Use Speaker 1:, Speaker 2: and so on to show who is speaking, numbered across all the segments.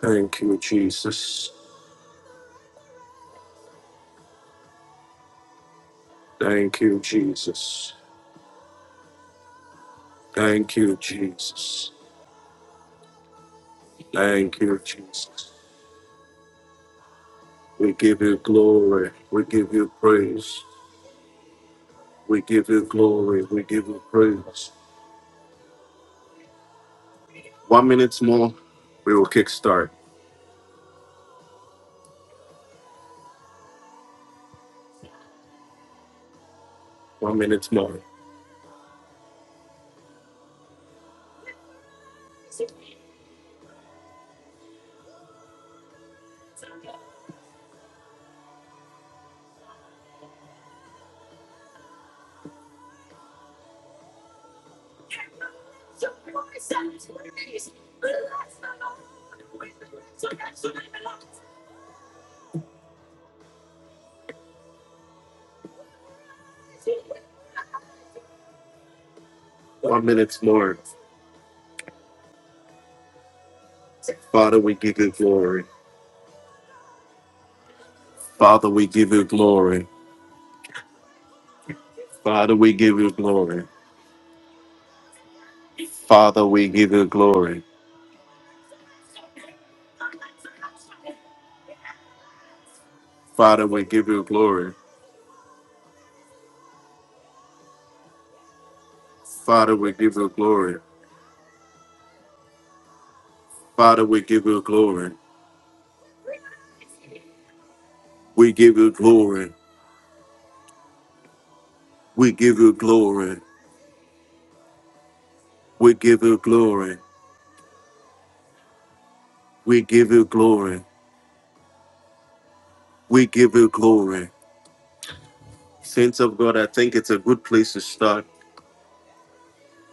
Speaker 1: Thank you, Jesus. Thank you, Jesus. Thank you, Jesus. Thank you, Jesus. We give you glory. We give you praise. We give you glory. We give you praise. One minute more, we will kickstart. One minute more. One minute more. Father, we give you glory. Father, we give you glory. Father, we give you glory. Father, we give you glory. Father, we give you glory. Father, we give you glory. Father, we give you glory. We give you glory. We give you glory. We give you glory. We give you glory. We give you glory. Saints of God, I think it's a good place to start.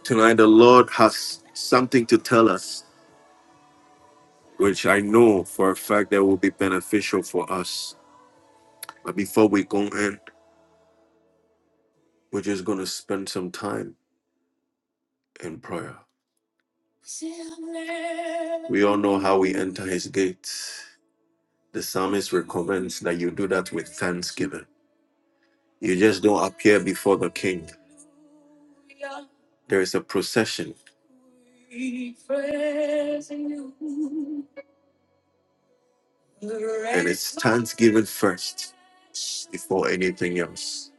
Speaker 1: Tonight, the Lord has something to tell us, which I know for a fact that will be beneficial for us. But before we go in, we're just going to spend some time in prayer. We all know how we enter his gates. The psalmist recommends that you do that with thanksgiving. You just don't appear before the king. There is a procession, and it's thanksgiving first before anything else.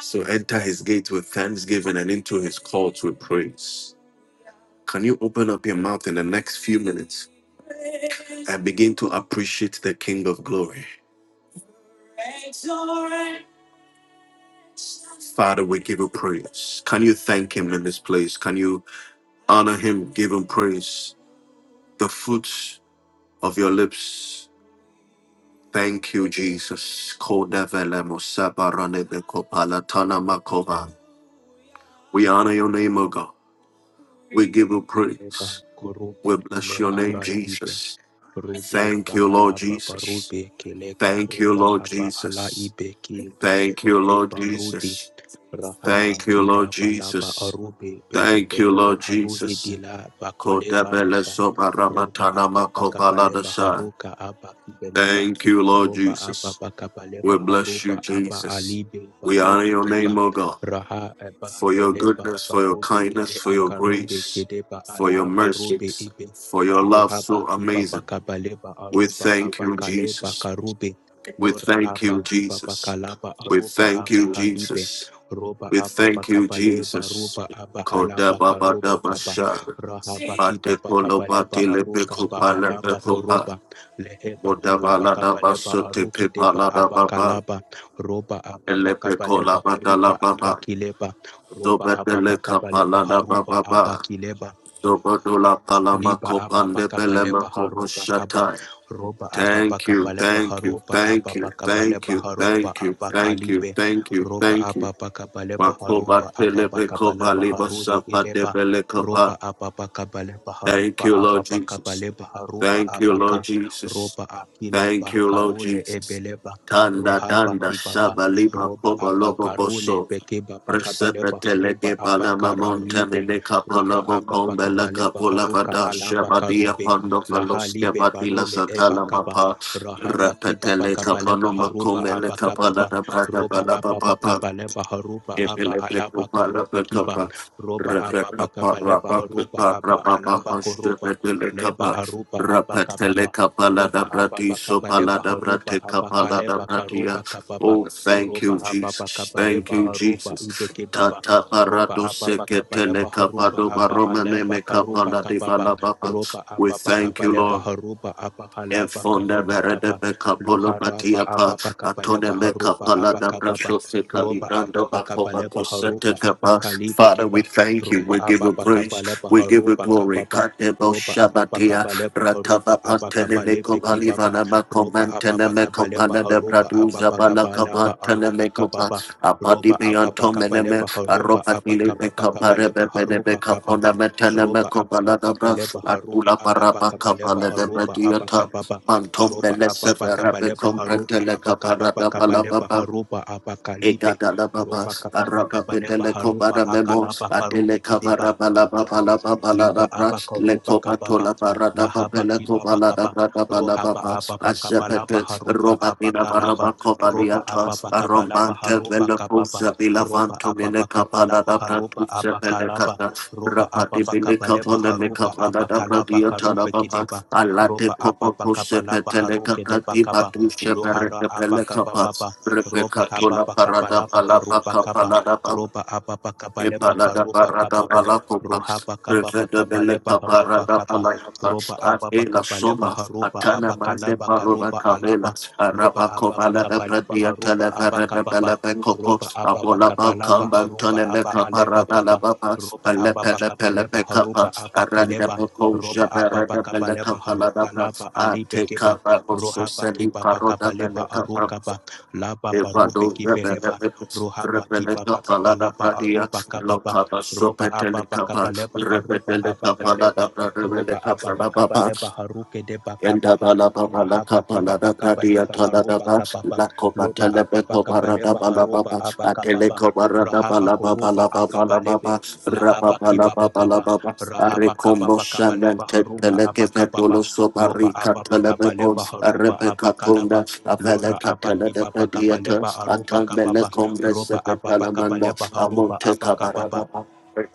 Speaker 1: So enter his gate with thanksgiving and into his courts with praise. Can you open up your mouth in the next few minutes and begin to appreciate the King of Glory? Father, we give you praise. Can you thank him in this place? Can you honor him, give him praise? The fruits of your lips Thank you, Jesus. Kodevelemo sebaranebeko palatana makova. We honor your name, O God. We give you
Speaker 2: Leba
Speaker 1: praise.
Speaker 2: kurube
Speaker 1: We
Speaker 2: kele
Speaker 1: bless your name,
Speaker 2: aradibe
Speaker 1: Jesus.
Speaker 2: rube
Speaker 1: Thank
Speaker 2: ba
Speaker 1: you, Lord
Speaker 2: alaba
Speaker 1: Jesus.
Speaker 2: barube kele
Speaker 1: Thank you,
Speaker 2: karuba
Speaker 1: Lord
Speaker 2: aba ala
Speaker 1: Jesus.
Speaker 2: ibe ki bele
Speaker 1: Thank you,
Speaker 2: ede
Speaker 1: Lord
Speaker 2: barudi
Speaker 1: Jesus.
Speaker 2: Rahaba
Speaker 1: Thank you, Lord
Speaker 2: kiba balaba
Speaker 1: Jesus.
Speaker 2: arube
Speaker 1: Thank you,
Speaker 2: bekebeleba
Speaker 1: Lord Jesus.
Speaker 2: aruhidila bakoleba
Speaker 1: Kodebele
Speaker 2: raba roba
Speaker 1: sobaramatana
Speaker 2: aba bakabaleba
Speaker 1: makovaladasai.
Speaker 2: haruka aba kibeleba
Speaker 1: Thank you, Lord
Speaker 2: roba aba
Speaker 1: Jesus. We
Speaker 2: bakabaleba
Speaker 1: bless
Speaker 2: haruba
Speaker 1: you,
Speaker 2: aba
Speaker 1: Jesus.
Speaker 2: alibe
Speaker 1: We honor
Speaker 2: barude
Speaker 1: your name,
Speaker 2: kiba
Speaker 1: O God.
Speaker 2: raha aba
Speaker 1: for your
Speaker 2: keleba
Speaker 1: goodness, for your
Speaker 2: barube
Speaker 1: kindness,
Speaker 2: ele
Speaker 1: for your
Speaker 2: akarube
Speaker 1: grace,
Speaker 2: kedeba
Speaker 1: for your
Speaker 2: ala barube
Speaker 1: mercies,
Speaker 2: ibe
Speaker 1: for your love
Speaker 2: rohaba
Speaker 1: so
Speaker 2: kiba
Speaker 1: amazing.
Speaker 2: bakabaleba
Speaker 1: We
Speaker 2: aruba
Speaker 1: thank
Speaker 2: aba
Speaker 1: you,
Speaker 2: kaleba
Speaker 1: Jesus.
Speaker 2: karube
Speaker 1: We
Speaker 2: lora
Speaker 1: thank
Speaker 2: aba
Speaker 1: you,
Speaker 2: kiba
Speaker 1: Jesus.
Speaker 2: bakalaba
Speaker 1: We
Speaker 2: aruba
Speaker 1: thank
Speaker 2: aba
Speaker 1: you,
Speaker 2: halibe
Speaker 1: Jesus.
Speaker 2: roba
Speaker 1: We
Speaker 2: ababa
Speaker 1: thank you,
Speaker 2: kabaleba
Speaker 1: Jesus.
Speaker 2: roba abahalaba karoba kaba
Speaker 1: Kodababadabasha.
Speaker 2: rahaba kibaba kabaleba aruka ba alaba
Speaker 1: Patekolobatilepekopalepekopa.
Speaker 2: koroba leheba kababa kabaleba aruke deba
Speaker 1: Kodabaladabasotepepalababa.
Speaker 2: abakalaba roba ababa kabaleba aruka
Speaker 1: Elepekolabadalababa.
Speaker 2: abakileba roba ababa kabaleba haruba
Speaker 1: Zobatelekapalababa.
Speaker 2: abakileba
Speaker 1: Dobodula palama
Speaker 2: Liba ababa
Speaker 1: kopande
Speaker 2: kabale
Speaker 1: belema kobo
Speaker 2: baharuba kaba roba ababa
Speaker 1: Thank you,
Speaker 2: kabale
Speaker 1: thank you,
Speaker 2: baharuba
Speaker 1: thank you,
Speaker 2: ababa kabale
Speaker 1: thank you,
Speaker 2: baharuba
Speaker 1: thank you, thank you,
Speaker 2: abakalibe
Speaker 1: thank you,
Speaker 2: roba
Speaker 1: thank you.
Speaker 2: ababa kabale
Speaker 1: Makoba
Speaker 2: baharuba ababa
Speaker 1: pelebe
Speaker 2: kabale
Speaker 1: kopa liba
Speaker 2: baharude
Speaker 1: sapa de
Speaker 2: eleba
Speaker 1: bele
Speaker 2: roba
Speaker 1: kopa.
Speaker 2: ababa kabale
Speaker 1: Thank
Speaker 2: baharuba
Speaker 1: you, Lord
Speaker 2: ababa
Speaker 1: Jesus.
Speaker 2: kabale baharuba
Speaker 1: Thank you, Lord
Speaker 2: abaka
Speaker 1: Jesus.
Speaker 2: roba
Speaker 1: Thank
Speaker 2: akileba
Speaker 1: you, Lord
Speaker 2: karule
Speaker 1: Jesus.
Speaker 2: ebeleba
Speaker 1: Tanda
Speaker 2: rohaba
Speaker 1: tanda
Speaker 2: kibaba
Speaker 1: shabaliba
Speaker 2: roba
Speaker 1: koba lobo
Speaker 2: abakarule
Speaker 1: boso.
Speaker 2: beke baba kabale
Speaker 1: Presepetele de
Speaker 2: baharuba
Speaker 1: palama monte
Speaker 2: abakaralibe
Speaker 1: mene
Speaker 2: roba
Speaker 1: kapalabo
Speaker 2: apa
Speaker 1: kombela
Speaker 2: pakabaleba
Speaker 1: kapola
Speaker 2: haruka
Speaker 1: vada
Speaker 2: alaba
Speaker 1: shabadia
Speaker 2: karube
Speaker 1: pando
Speaker 2: lahali
Speaker 1: faloske
Speaker 2: be
Speaker 1: vadila
Speaker 2: barule eba
Speaker 1: satala
Speaker 2: kaba
Speaker 1: mapa.
Speaker 2: rahaba kiba
Speaker 1: Repetele
Speaker 2: pakabaleba
Speaker 1: kapano
Speaker 2: haruba
Speaker 1: makomele
Speaker 2: aba
Speaker 1: kapala
Speaker 2: kababa
Speaker 1: da brada
Speaker 2: roba
Speaker 1: balaba
Speaker 2: apa
Speaker 1: papa.
Speaker 2: pakabaleba haruba
Speaker 1: Oh, thank
Speaker 2: aba
Speaker 1: you,
Speaker 2: alaba karube kiba roba apa pakabaleba haruba aba alaba koruba leba aruba aba kababa roba apa pakabaleba haruba aba kaleba karuba kababa roba apa
Speaker 1: Jesus. Thank
Speaker 2: pakabaleba
Speaker 1: you,
Speaker 2: aruba
Speaker 1: Jesus.
Speaker 2: ibeke baba
Speaker 1: Tata
Speaker 2: ropa
Speaker 1: parado
Speaker 2: apapa
Speaker 1: seketele
Speaker 2: kapalepa harupa
Speaker 1: kapado
Speaker 2: apa
Speaker 1: baromane
Speaker 2: alepa
Speaker 1: me
Speaker 2: karupa
Speaker 1: kapala de
Speaker 2: kapapa
Speaker 1: balababa.
Speaker 2: ropa
Speaker 1: We
Speaker 2: apapa
Speaker 1: thank you,
Speaker 2: kapalepa
Speaker 1: Lord.
Speaker 2: harupa apa halapa
Speaker 1: Efonda
Speaker 2: karupa
Speaker 1: verede
Speaker 2: kapa
Speaker 1: beka polo patia
Speaker 2: luharapa
Speaker 1: pa
Speaker 2: apapa
Speaker 1: atone
Speaker 2: kapalepa
Speaker 1: meka
Speaker 2: harupa
Speaker 1: pala
Speaker 2: apa
Speaker 1: da
Speaker 2: kapapa
Speaker 1: braso se
Speaker 2: ropa
Speaker 1: kalibrando
Speaker 2: apapa
Speaker 1: bako bako
Speaker 2: kapalepa
Speaker 1: sete
Speaker 2: harupa apa
Speaker 1: kapa.
Speaker 2: kalipe
Speaker 1: Father, we
Speaker 2: kipa
Speaker 1: thank you. We
Speaker 2: ropa
Speaker 1: give you
Speaker 2: apapa
Speaker 1: praise.
Speaker 2: kapalepa
Speaker 1: We give you
Speaker 2: harupa
Speaker 1: glory.
Speaker 2: kapapa
Speaker 1: Kate bo
Speaker 2: ropa apapa
Speaker 1: shabatia
Speaker 2: kapalepa harupa
Speaker 1: rataba
Speaker 2: apa
Speaker 1: pantene meko
Speaker 2: kapalepe kibaba
Speaker 1: palivana mako
Speaker 2: ropa
Speaker 1: mantene
Speaker 2: apapa
Speaker 1: meko
Speaker 2: kapalepa
Speaker 1: pala da
Speaker 2: harupa apapa
Speaker 1: braduza bala kapa
Speaker 2: kapalapa
Speaker 1: tene
Speaker 2: arupa
Speaker 1: meko
Speaker 2: kapapa
Speaker 1: apati
Speaker 2: roba apapa
Speaker 1: bianto meneme
Speaker 2: kapaleba haruba
Speaker 1: aropa dile
Speaker 2: apakapa
Speaker 1: beka pare
Speaker 2: kapaleba
Speaker 1: bene
Speaker 2: haruba
Speaker 1: beka pona
Speaker 2: kapapa
Speaker 1: metene
Speaker 2: roba
Speaker 1: meko
Speaker 2: apapa
Speaker 1: balada bra
Speaker 2: kapaleba haruba
Speaker 1: atula para
Speaker 2: apapa
Speaker 1: baka
Speaker 2: kapaleba
Speaker 1: pale de
Speaker 2: haruba
Speaker 1: bediota
Speaker 2: apakapa
Speaker 1: pantom
Speaker 2: roba
Speaker 1: bele
Speaker 2: apapa
Speaker 1: severa
Speaker 2: kapaleba
Speaker 1: bekom
Speaker 2: haruba
Speaker 1: bretele
Speaker 2: apakapa
Speaker 1: kapara
Speaker 2: kapaleba
Speaker 1: da
Speaker 2: haruba apa kalibe
Speaker 1: Ekadalababa,
Speaker 2: roba kapapa kapaleba haruba
Speaker 1: Arababedekobaramemo,
Speaker 2: akalaba karube kideba liba
Speaker 1: Adelekabarabalababalababalabra,
Speaker 2: aba karuba kababa lahaba kibaba kaba rohaba
Speaker 1: Lekobatolabaradababelekobaladabradabalababa,
Speaker 2: aba bakaba laba
Speaker 1: Azepete,
Speaker 2: haruba aba kalaba roba
Speaker 1: Robabinabarabakobaliata,
Speaker 2: aba bakaba laba
Speaker 1: Arombante,
Speaker 2: haruba kababa
Speaker 1: Veleposa,
Speaker 2: roba
Speaker 1: Vilavanto,
Speaker 2: aba bakaba laba haruba
Speaker 1: Melekabaladabratusa,
Speaker 2: aba kalaba
Speaker 1: Velekata,
Speaker 2: roba aba
Speaker 1: Rapatibini
Speaker 2: bakaba leba
Speaker 1: kapone me
Speaker 2: haruba
Speaker 1: kaprada
Speaker 2: aba
Speaker 1: da
Speaker 2: kalaba
Speaker 1: bradia
Speaker 2: karube
Speaker 1: tarababa
Speaker 2: kideba
Speaker 1: alate
Speaker 2: roba aba
Speaker 1: kopo kose
Speaker 2: bakaba laba
Speaker 1: petele
Speaker 2: haruke deba
Speaker 1: kakati
Speaker 2: kaba
Speaker 1: batu shepere
Speaker 2: lohara aba
Speaker 1: tepele
Speaker 2: kababa
Speaker 1: kapas repe
Speaker 2: roba aba
Speaker 1: katona
Speaker 2: bakaba
Speaker 1: parada
Speaker 2: laba haruba kaba
Speaker 1: palapa
Speaker 2: roba aba bakaba leba
Speaker 1: Ipalada
Speaker 2: karuba
Speaker 1: parada
Speaker 2: kababa
Speaker 1: palakupa.
Speaker 2: Ruhaba kaba
Speaker 1: Revede
Speaker 2: bakaba leba
Speaker 1: beleka
Speaker 2: haruba
Speaker 1: parada
Speaker 2: kaba
Speaker 1: palayapa.
Speaker 2: roba ababa
Speaker 1: Adela
Speaker 2: kaba leba
Speaker 1: soma.
Speaker 2: haruba
Speaker 1: Atana mande
Speaker 2: abakalaba
Speaker 1: parova
Speaker 2: karuba alaba
Speaker 1: kavela.
Speaker 2: loba
Speaker 1: Araba
Speaker 2: ababa
Speaker 1: kovalada
Speaker 2: kaba leba
Speaker 1: pradia
Speaker 2: haruba
Speaker 1: televerede
Speaker 2: abakababa
Speaker 1: belebekopo.
Speaker 2: roba ababa
Speaker 1: Abola
Speaker 2: kaba laba
Speaker 1: bakamba
Speaker 2: haruba
Speaker 1: tone
Speaker 2: aba
Speaker 1: meka
Speaker 2: aleba
Speaker 1: parada la
Speaker 2: kaba
Speaker 1: baba.
Speaker 2: roba ababa
Speaker 1: Alepele
Speaker 2: kaba
Speaker 1: pele
Speaker 2: leba
Speaker 1: pekapa.
Speaker 2: haruba
Speaker 1: Aranda
Speaker 2: abakeleba
Speaker 1: beko
Speaker 2: roba ababa
Speaker 1: jaberede
Speaker 2: kaba leba
Speaker 1: beleka palada
Speaker 2: haruka laba alibe keba
Speaker 1: Ateka babo
Speaker 2: rohaba
Speaker 1: soseli
Speaker 2: kiba
Speaker 1: paroda
Speaker 2: bakaba leba
Speaker 1: beleka
Speaker 2: arukaba laba barube
Speaker 1: Evado
Speaker 2: kibeleba
Speaker 1: Rebelebus,
Speaker 2: rohaba kiba
Speaker 1: Rebeleca
Speaker 2: bakaba
Speaker 1: Palada
Speaker 2: laba
Speaker 1: Pradia,
Speaker 2: aruba kababa
Speaker 1: Locaba
Speaker 2: ropa apa
Speaker 1: Sopetelica,
Speaker 2: pakapa lepa harupa apa
Speaker 1: Rebeleca Palada
Speaker 2: kaleba ropa
Speaker 1: Rebeleca
Speaker 2: apa pakapa
Speaker 1: Palababa,
Speaker 2: lepa haruke de pakapa
Speaker 1: Enda
Speaker 2: pa
Speaker 1: bala baba la
Speaker 2: rahapa
Speaker 1: kapa la
Speaker 2: kipa
Speaker 1: da
Speaker 2: pakapa
Speaker 1: bradi ya
Speaker 2: lepa
Speaker 1: tala da
Speaker 2: arupa
Speaker 1: ba
Speaker 2: kapapa
Speaker 1: la koba
Speaker 2: lopa
Speaker 1: tele
Speaker 2: apa
Speaker 1: be koba
Speaker 2: pakapa
Speaker 1: ra da
Speaker 2: lepa
Speaker 1: bala
Speaker 2: harupa
Speaker 1: baba
Speaker 2: apa
Speaker 1: atele
Speaker 2: kapapa
Speaker 1: koba ra da
Speaker 2: rahapa
Speaker 1: bala baba
Speaker 2: korupa
Speaker 1: la baba
Speaker 2: akapa
Speaker 1: la
Speaker 2: lebe
Speaker 1: baba ra
Speaker 2: lahapa
Speaker 1: baba la
Speaker 2: kipa
Speaker 1: baba la
Speaker 2: pakapa
Speaker 1: baba are
Speaker 2: rahapa kapa
Speaker 1: kombo
Speaker 2: pakapa lepa
Speaker 1: shamente
Speaker 2: harupa
Speaker 1: tele ke
Speaker 2: apa
Speaker 1: be
Speaker 2: kapapa
Speaker 1: dolo so
Speaker 2: ropa
Speaker 1: bari ka
Speaker 2: apa
Speaker 1: be
Speaker 2: pakapa
Speaker 1: on
Speaker 2: lepa
Speaker 1: are
Speaker 2: harupa
Speaker 1: be ka
Speaker 2: apa
Speaker 1: tonda
Speaker 2: kalapa
Speaker 1: avele
Speaker 2: Lora
Speaker 1: ka
Speaker 2: apa
Speaker 1: de
Speaker 2: kipa
Speaker 1: be
Speaker 2: pakapa
Speaker 1: dieta
Speaker 2: lepa arupa
Speaker 1: atan bele
Speaker 2: kapapa
Speaker 1: kombre se
Speaker 2: ropa
Speaker 1: be
Speaker 2: apa
Speaker 1: tala
Speaker 2: pakapa
Speaker 1: manda
Speaker 2: lepa harupa
Speaker 1: amonte
Speaker 2: apa
Speaker 1: kaba ra
Speaker 2: kapapa
Speaker 1: baba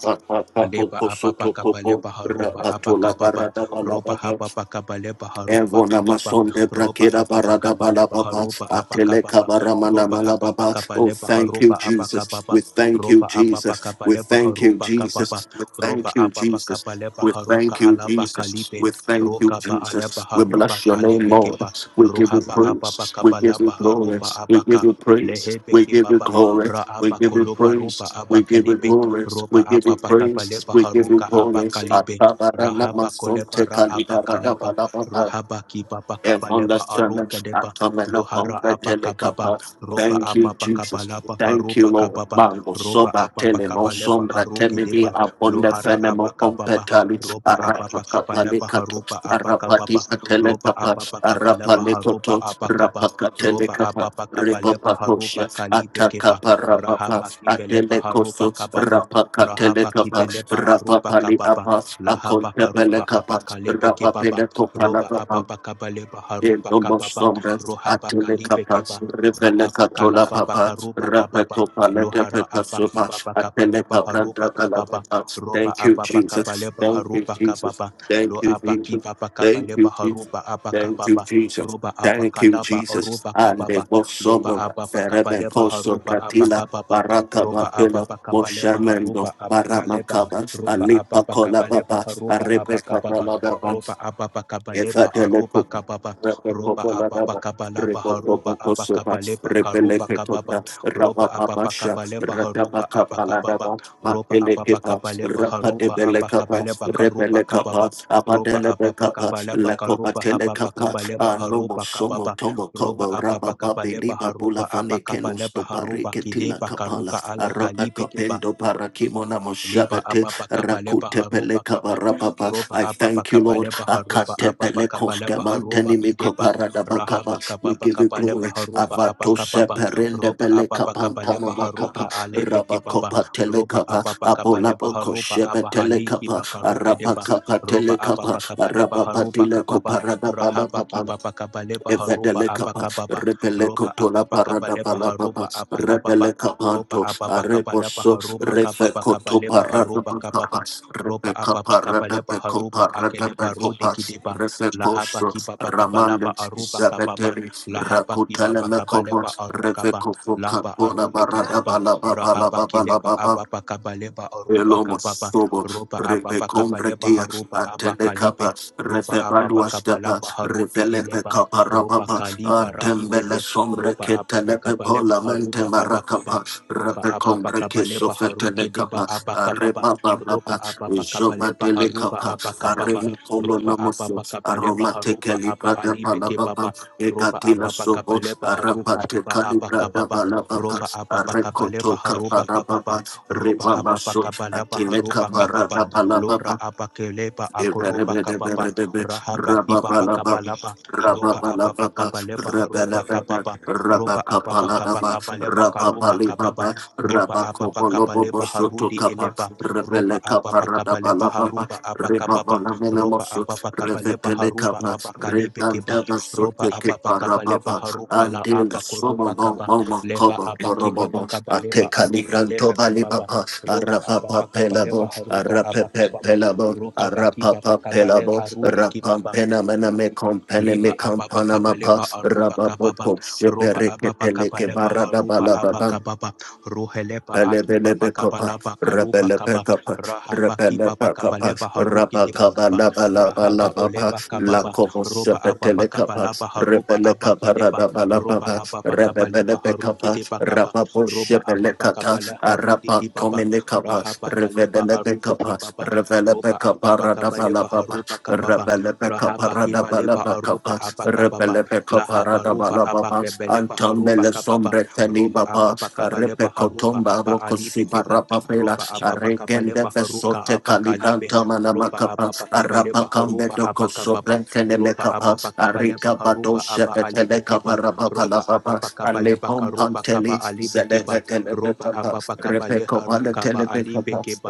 Speaker 1: Papa
Speaker 2: Leba apa pa
Speaker 1: Kosoto
Speaker 2: kapa
Speaker 1: Kopo
Speaker 2: leba haroba apa
Speaker 1: Rapatola
Speaker 2: kapa pa
Speaker 1: Barada
Speaker 2: roba
Speaker 1: Balababa
Speaker 2: apa pa kapa leba haroba
Speaker 1: Evona
Speaker 2: kapa pa
Speaker 1: mason de
Speaker 2: roba
Speaker 1: brakira
Speaker 2: apa pa
Speaker 1: barada
Speaker 2: kapa leba
Speaker 1: balababa.
Speaker 2: haroba apa
Speaker 1: Atele
Speaker 2: kapa pa
Speaker 1: kabaramana
Speaker 2: roba apa pa
Speaker 1: malababa.
Speaker 2: kapa
Speaker 1: Oh,
Speaker 2: leba
Speaker 1: thank you,
Speaker 2: haroba apa kapa
Speaker 1: Jesus.
Speaker 2: pa
Speaker 1: We thank you,
Speaker 2: roba apa pa
Speaker 1: Jesus.
Speaker 2: kapa
Speaker 1: We
Speaker 2: leba
Speaker 1: thank you,
Speaker 2: haroba kapa pa
Speaker 1: Jesus. We
Speaker 2: roba
Speaker 1: thank you,
Speaker 2: apa pa kapa
Speaker 1: Jesus.
Speaker 2: leba
Speaker 1: We
Speaker 2: haruka
Speaker 1: thank you,
Speaker 2: alaba
Speaker 1: Jesus.
Speaker 2: kalibe
Speaker 1: We thank you,
Speaker 2: roka ba
Speaker 1: Jesus.
Speaker 2: alaba
Speaker 1: We
Speaker 2: haruba
Speaker 1: bless your name,
Speaker 2: kalebe
Speaker 1: Lord.
Speaker 2: keba
Speaker 1: We give you
Speaker 2: roha ba apa pa
Speaker 1: praise. We
Speaker 2: kapa
Speaker 1: give you
Speaker 2: leba
Speaker 1: glory.
Speaker 2: haruba
Speaker 1: We
Speaker 2: apa ka
Speaker 1: give you praise.
Speaker 2: lehebe
Speaker 1: We give you
Speaker 2: kebaba
Speaker 1: glory.
Speaker 2: ra
Speaker 1: We
Speaker 2: apa
Speaker 1: give you
Speaker 2: koloba roba
Speaker 1: praise. We
Speaker 2: apa
Speaker 1: give you glory.
Speaker 2: roba
Speaker 1: We give you
Speaker 2: ababa
Speaker 1: praise.
Speaker 2: kabaleba
Speaker 1: We give you
Speaker 2: haruka
Speaker 1: glory.
Speaker 2: abakalibe
Speaker 1: Atabarana
Speaker 2: rahaba
Speaker 1: mason
Speaker 2: koleba
Speaker 1: te
Speaker 2: ra abakalaba
Speaker 1: kalidara
Speaker 2: rohaba kibaba kabaleba
Speaker 1: Everlasting
Speaker 2: aruka deba
Speaker 1: Atomena
Speaker 2: lohara
Speaker 1: Compretele
Speaker 2: abakababa
Speaker 1: Capas.
Speaker 2: roba
Speaker 1: Thank you,
Speaker 2: ababa
Speaker 1: Jesus.
Speaker 2: kabalaba
Speaker 1: Thank you,
Speaker 2: haruba
Speaker 1: Lord.
Speaker 2: kababa
Speaker 1: Mango
Speaker 2: roba
Speaker 1: soba
Speaker 2: ababa
Speaker 1: telemo
Speaker 2: kabaleba
Speaker 1: sombra
Speaker 2: haruki
Speaker 1: temini
Speaker 2: deba
Speaker 1: abonde
Speaker 2: lohara
Speaker 1: fenemo
Speaker 2: abakababa
Speaker 1: competali
Speaker 2: roba ababa
Speaker 1: arapatapali
Speaker 2: kabaleba
Speaker 1: kato
Speaker 2: haruba
Speaker 1: arapati
Speaker 2: abakababa
Speaker 1: patele
Speaker 2: roba
Speaker 1: kapa
Speaker 2: ababa kabaleba
Speaker 1: arapale
Speaker 2: haruba
Speaker 1: koto
Speaker 2: abakaba
Speaker 1: rapakatele
Speaker 2: roba
Speaker 1: kapa
Speaker 2: ababa kabaleba haruba
Speaker 1: ripapakosha
Speaker 2: kalibe keba
Speaker 1: atakapa
Speaker 2: rahaba
Speaker 1: rapapa
Speaker 2: kibeleba
Speaker 1: atele
Speaker 2: haruba
Speaker 1: koso
Speaker 2: kababa
Speaker 1: rapakatele
Speaker 2: Rahaba
Speaker 1: kapa
Speaker 2: Kibeleba Aruba
Speaker 1: rapapali
Speaker 2: Kababa.
Speaker 1: apas
Speaker 2: Lahaba
Speaker 1: akontebele
Speaker 2: Karuba
Speaker 1: kapa
Speaker 2: Abaka Lebe Kebaba.
Speaker 1: rapapele
Speaker 2: Roba
Speaker 1: kopala
Speaker 2: Ababa Kabaleba Haruba Kababa.
Speaker 1: Indomosombras
Speaker 2: Rohaba Kalibe Keba.
Speaker 1: atelecapas
Speaker 2: Rahaba
Speaker 1: revelecatola
Speaker 2: Kalaba
Speaker 1: papas
Speaker 2: Bakaruba Kababa.
Speaker 1: rapetopalete
Speaker 2: Lohara abaki
Speaker 1: pecasupas
Speaker 2: baba kabaleba haruba
Speaker 1: atelecabranda
Speaker 2: kababa
Speaker 1: velavetas.
Speaker 2: roba
Speaker 1: Thank you,
Speaker 2: ababa
Speaker 1: Jesus.
Speaker 2: kabaleba
Speaker 1: Thank you,
Speaker 2: haruba
Speaker 1: Jesus.
Speaker 2: kababa
Speaker 1: Thank
Speaker 2: lo
Speaker 1: you,
Speaker 2: abaki
Speaker 1: Jesus.
Speaker 2: baba
Speaker 1: Thank you,
Speaker 2: kabaleba
Speaker 1: Jesus.
Speaker 2: haruba abaka
Speaker 1: Thank you,
Speaker 2: abakababa
Speaker 1: Jesus.
Speaker 2: roba
Speaker 1: Thank you,
Speaker 2: abakalaba
Speaker 1: Jesus.
Speaker 2: aruba
Speaker 1: And the
Speaker 2: kababa loba
Speaker 1: Bosoma,
Speaker 2: ababa kabaleba
Speaker 1: Ferebecoso,
Speaker 2: haruba
Speaker 1: Pratila,
Speaker 2: abaka abakababa
Speaker 1: Baraka
Speaker 2: ropa apa
Speaker 1: Babila,
Speaker 2: pa kapa lepa
Speaker 1: Moshamendo,
Speaker 2: harupa apa kaleba
Speaker 1: Baramakaba,
Speaker 2: ropa apa
Speaker 1: Alipa
Speaker 2: pa kapa lepa
Speaker 1: Colababa,
Speaker 2: harupa
Speaker 1: Arepe
Speaker 2: apa kapapa
Speaker 1: Kabalababa
Speaker 2: ropa apa pa kapa
Speaker 1: Rabba
Speaker 2: lepa arupa kapapa ropa apa pa kapa lapa harupa apa kapa lepa karupa kapapa ropa apa pa kapa harupa apa kapapa ropa apa pa kapa harupa apa kapa karupa kapapa ropa apa pa kapa karupa apa pa kapa harupa kapapa roba ababa kabaleba haruba aba kabaleba haruba kideba karuka ale kalibe keba
Speaker 1: parakimona
Speaker 2: Liba
Speaker 1: moshabete
Speaker 2: ababa kapa leba
Speaker 1: rakutepele
Speaker 2: haruba kapa
Speaker 1: kabarababa.
Speaker 2: roba
Speaker 1: I
Speaker 2: ababa
Speaker 1: thank you,
Speaker 2: kapa
Speaker 1: Lord.
Speaker 2: leba haruba ababa
Speaker 1: Akatepele
Speaker 2: kapa leba haruba
Speaker 1: koskemanteni
Speaker 2: ideba
Speaker 1: mikoparadabakaba.
Speaker 2: rahaba kapa
Speaker 1: We
Speaker 2: pa
Speaker 1: give you
Speaker 2: leba
Speaker 1: glory.
Speaker 2: haruba
Speaker 1: Avato
Speaker 2: abaka
Speaker 1: seperende
Speaker 2: roba
Speaker 1: pele
Speaker 2: ababa kapa leba
Speaker 1: kapantana
Speaker 2: haruka
Speaker 1: makapa.
Speaker 2: alebe kibaba
Speaker 1: Rabakopa
Speaker 2: roba
Speaker 1: telekapa.
Speaker 2: ababa kapa leba
Speaker 1: Abolaboko
Speaker 2: haruba
Speaker 1: shebe
Speaker 2: abahali
Speaker 1: telekapa.
Speaker 2: kibakaruke deba
Speaker 1: Arabakapa
Speaker 2: roba
Speaker 1: telekapa.
Speaker 2: ababa kapa leba haruba
Speaker 1: Arabapatile
Speaker 2: kababa rahaba
Speaker 1: koparadababa.
Speaker 2: kibaba kapa haruba
Speaker 1: Evedele Capa,
Speaker 2: abaka
Speaker 1: Repele
Speaker 2: roba
Speaker 1: Cotola
Speaker 2: ababa kapa
Speaker 1: Parada
Speaker 2: leba
Speaker 1: Palapa,
Speaker 2: haruba abaka
Speaker 1: Repele
Speaker 2: ropa
Speaker 1: Capanto,
Speaker 2: apapa kapalapa
Speaker 1: Areposo,
Speaker 2: harupa
Speaker 1: Refe
Speaker 2: kapapa
Speaker 1: Coto
Speaker 2: kapalepa
Speaker 1: Parada
Speaker 2: harupa kapapa
Speaker 1: Pacapas,
Speaker 2: ropa
Speaker 1: Rebeca
Speaker 2: apapa
Speaker 1: Parada
Speaker 2: kapalepa
Speaker 1: Peco
Speaker 2: harupa
Speaker 1: Parada
Speaker 2: akedepa rude
Speaker 1: Pecopas,
Speaker 2: kideba lahapa
Speaker 1: Refecoso,
Speaker 2: kipapa kapalapa
Speaker 1: Ramale,
Speaker 2: arupa kapapa
Speaker 1: Zaveteri,
Speaker 2: lahapa
Speaker 1: Racutele
Speaker 2: kipapa
Speaker 1: Mecopo,
Speaker 2: kapalepa arukapa
Speaker 1: Refeco
Speaker 2: lapa
Speaker 1: Catona
Speaker 2: arupe
Speaker 1: Barada
Speaker 2: kipapa
Speaker 1: Balaba
Speaker 2: rahapa kilepa
Speaker 1: Balaba
Speaker 2: apapa kapalepa arupa
Speaker 1: Elomo
Speaker 2: kapapa
Speaker 1: sobo,
Speaker 2: ropa
Speaker 1: rebe
Speaker 2: apapa kapalepa
Speaker 1: congratia,
Speaker 2: harupa
Speaker 1: atele capa,
Speaker 2: abakalibe ropa apapa
Speaker 1: revebalua stepa,
Speaker 2: kapalapa harude
Speaker 1: revele pe
Speaker 2: eleba
Speaker 1: capa
Speaker 2: ropa
Speaker 1: rababa,
Speaker 2: kaliba
Speaker 1: adembele
Speaker 2: raidebe
Speaker 1: sombre
Speaker 2: ropa
Speaker 1: que
Speaker 2: apapa
Speaker 1: telepe
Speaker 2: kapalepa
Speaker 1: polamente
Speaker 2: harupa abakaba
Speaker 1: maracapa,
Speaker 2: roba
Speaker 1: rebe
Speaker 2: ababa
Speaker 1: congrete
Speaker 2: kabaleba
Speaker 1: sofetele
Speaker 2: haruke
Speaker 1: capa,
Speaker 2: deba abakababa roba
Speaker 1: kapa,
Speaker 2: ababa
Speaker 1: jova
Speaker 2: kabaleba
Speaker 1: dele
Speaker 2: haruba
Speaker 1: kapa,
Speaker 2: abakababa
Speaker 1: arena kombo
Speaker 2: roba
Speaker 1: namoso,
Speaker 2: ababa kabaleba
Speaker 1: aromate
Speaker 2: haruba
Speaker 1: kali
Speaker 2: aba
Speaker 1: prada
Speaker 2: alibe
Speaker 1: palababa,
Speaker 2: kebaba roba
Speaker 1: egatila
Speaker 2: ababa
Speaker 1: sobo,
Speaker 2: kabaleba haruka
Speaker 1: arapante
Speaker 2: aba
Speaker 1: kali prada
Speaker 2: abakababa
Speaker 1: palababa,
Speaker 2: roba ababa kabaleba
Speaker 1: arekoto kapa
Speaker 2: haruba kababa
Speaker 1: rababa,
Speaker 2: roba
Speaker 1: reba
Speaker 2: ababa
Speaker 1: maso,
Speaker 2: kabaleba
Speaker 1: atile
Speaker 2: haruba
Speaker 1: kapa
Speaker 2: kababa lora
Speaker 1: rada
Speaker 2: abakeleba
Speaker 1: Rebaba
Speaker 2: akoroba kababa rahaba kibaba kabalaba roba ababa kabaleba haruba kababa roba ababa kaba kaba leba karuba kababa roba ababa kaba leba harudi eleba roba ababa kaba leba haruba abakababa roba ababa kaba leba haruba abakalibe kiba roba
Speaker 1: shiki
Speaker 2: ababa kaba leba
Speaker 1: parababa
Speaker 2: haruka la
Speaker 1: until the summer
Speaker 2: abakoruba
Speaker 1: mom
Speaker 2: kaba
Speaker 1: mama
Speaker 2: leba
Speaker 1: cover
Speaker 2: abakiba
Speaker 1: porobobo
Speaker 2: kaba leba
Speaker 1: ateka
Speaker 2: aruka
Speaker 1: ligranto
Speaker 2: lebe
Speaker 1: bali
Speaker 2: kibaba
Speaker 1: papa
Speaker 2: roba
Speaker 1: arapapa
Speaker 2: ababa kaba
Speaker 1: pelabo
Speaker 2: leba haruba
Speaker 1: arapepe
Speaker 2: abakababa
Speaker 1: pelabo
Speaker 2: ro abakiba
Speaker 1: arapapa
Speaker 2: kaba le
Speaker 1: pelabo
Speaker 2: arudi
Speaker 1: rapam
Speaker 2: kibaba
Speaker 1: penamena me compene me
Speaker 2: Liba ababa kabaleba aruba
Speaker 1: rabapo
Speaker 2: kababa roba
Speaker 1: shepere
Speaker 2: ababa
Speaker 1: keteleke
Speaker 2: kabaleba haruba
Speaker 1: barada
Speaker 2: abakababa roheleba aki baba
Speaker 1: Pelebelebekapa,
Speaker 2: kabalaba karuba kaba
Speaker 1: rebelebekapa,
Speaker 2: rahaba ki baba
Speaker 1: rebelebekapa,
Speaker 2: kabaleba haruki de
Speaker 1: rabakaba
Speaker 2: bakaba
Speaker 1: laba laba
Speaker 2: rahaba
Speaker 1: laba pa,
Speaker 2: oleba kababa
Speaker 1: lakobo
Speaker 2: roba ababa
Speaker 1: sepetelekapa,
Speaker 2: kabalaba haruba
Speaker 1: rebelekapa
Speaker 2: abakileba
Speaker 1: radaba laba
Speaker 2: roba
Speaker 1: pa,
Speaker 2: ababa kabaleba haruki de
Speaker 1: rebelebekapa,
Speaker 2: bakaba
Speaker 1: rababo
Speaker 2: roba ababa
Speaker 1: sebelekata,
Speaker 2: kabala harudi
Speaker 1: araba
Speaker 2: ki baba
Speaker 1: komelekapa,
Speaker 2: rahaba kaleba arube ki
Speaker 1: revelebekapa,
Speaker 2: baba roba
Speaker 1: revelebekapa
Speaker 2: ababa
Speaker 1: radaba
Speaker 2: kabaleba
Speaker 1: laba pa,
Speaker 2: haruba kababa
Speaker 1: rebelebekapa
Speaker 2: rahabakiba
Speaker 1: radaba
Speaker 2: leba
Speaker 1: laba
Speaker 2: aruba
Speaker 1: kapa,
Speaker 2: abakababa
Speaker 1: Rebelebekapa parada
Speaker 2: lahabaruba
Speaker 1: balababa
Speaker 2: abakebeleba haruba
Speaker 1: antombele
Speaker 2: kababa
Speaker 1: sombre teni
Speaker 2: roba
Speaker 1: baba repe
Speaker 2: ababakabaleba haruba
Speaker 1: kotomba
Speaker 2: aba
Speaker 1: roko
Speaker 2: alibe
Speaker 1: siba
Speaker 2: keba
Speaker 1: rapapela
Speaker 2: roba
Speaker 1: regende
Speaker 2: ababakabaleba haruka
Speaker 1: vesote
Speaker 2: abakalibe
Speaker 1: kalibranta mana
Speaker 2: roba
Speaker 1: makapa arapa
Speaker 2: ababakabaleba
Speaker 1: kambe
Speaker 2: haruba
Speaker 1: doko
Speaker 2: abakababa
Speaker 1: sobre tene
Speaker 2: roba
Speaker 1: mekapa
Speaker 2: ababakabaleba
Speaker 1: ariga bado
Speaker 2: haruba aba
Speaker 1: shepe tele
Speaker 2: alibe keba
Speaker 1: kapa rapapa
Speaker 2: roba
Speaker 1: lababa ale
Speaker 2: ababakabaleba karuba
Speaker 1: pompanteli
Speaker 2: kaba alibe
Speaker 1: zele
Speaker 2: keba
Speaker 1: vekele
Speaker 2: roba
Speaker 1: mekapa repe
Speaker 2: ababakabale haruka ba alibe keba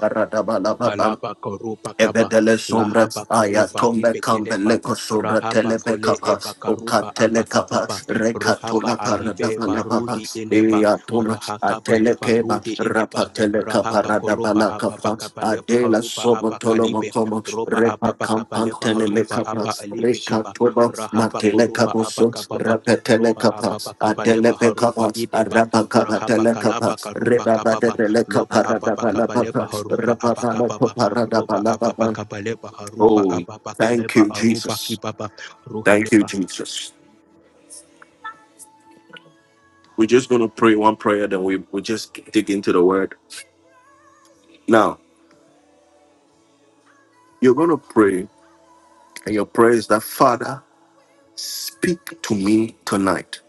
Speaker 1: parada balababa
Speaker 2: Halaba korupa kaba.
Speaker 1: Evedele sombra
Speaker 2: Lahaba
Speaker 1: aya
Speaker 2: korupa
Speaker 1: tombe kambe
Speaker 2: ibekeleba.
Speaker 1: leko sobra
Speaker 2: Rahaba
Speaker 1: telebe
Speaker 2: kole
Speaker 1: kapa oka
Speaker 2: ebakaruba
Speaker 1: tele kapa
Speaker 2: abakababa. Rohaba
Speaker 1: rekatola parada
Speaker 2: alibe
Speaker 1: bana baba
Speaker 2: barudi eleba.
Speaker 1: iya toma
Speaker 2: Rahakaba
Speaker 1: atele
Speaker 2: leba
Speaker 1: keba
Speaker 2: rudi eleba.
Speaker 1: rapa tele kapa
Speaker 2: Rahaba
Speaker 1: rada
Speaker 2: koruba
Speaker 1: bana kapa
Speaker 2: ababakaba leba
Speaker 1: adela
Speaker 2: haruba
Speaker 1: sobo
Speaker 2: abakalibe.
Speaker 1: Como
Speaker 2: Roba ababakaba leba haruba aba
Speaker 1: recampantenelecapas,
Speaker 2: alibe kiba.
Speaker 1: recatobas,
Speaker 2: Rahaba koruba
Speaker 1: matelecabusos,
Speaker 2: abakababa. Roba
Speaker 1: repetelecapas,
Speaker 2: ababakaba leba haruba
Speaker 1: adelepecapas,
Speaker 2: ideba. Rahaba kalaba
Speaker 1: arabacabatelecapas,
Speaker 2: karuba kababa loba ababakabaleba
Speaker 1: rebabadelecaparadabalabapas,
Speaker 2: haruba abakababa roba
Speaker 1: rababalacoparadabalabapas.
Speaker 2: ababakabaleba haruba
Speaker 1: Oh, thank
Speaker 2: ababakabaleba
Speaker 1: you,
Speaker 2: aruba
Speaker 1: Jesus.
Speaker 2: kibaba
Speaker 1: Thank
Speaker 2: ruheleba
Speaker 1: you, Jesus. We're just going to pray one prayer, then we, we just dig into the word. Now, you're going to pray, and your prayer is that, Father, speak to me tonight.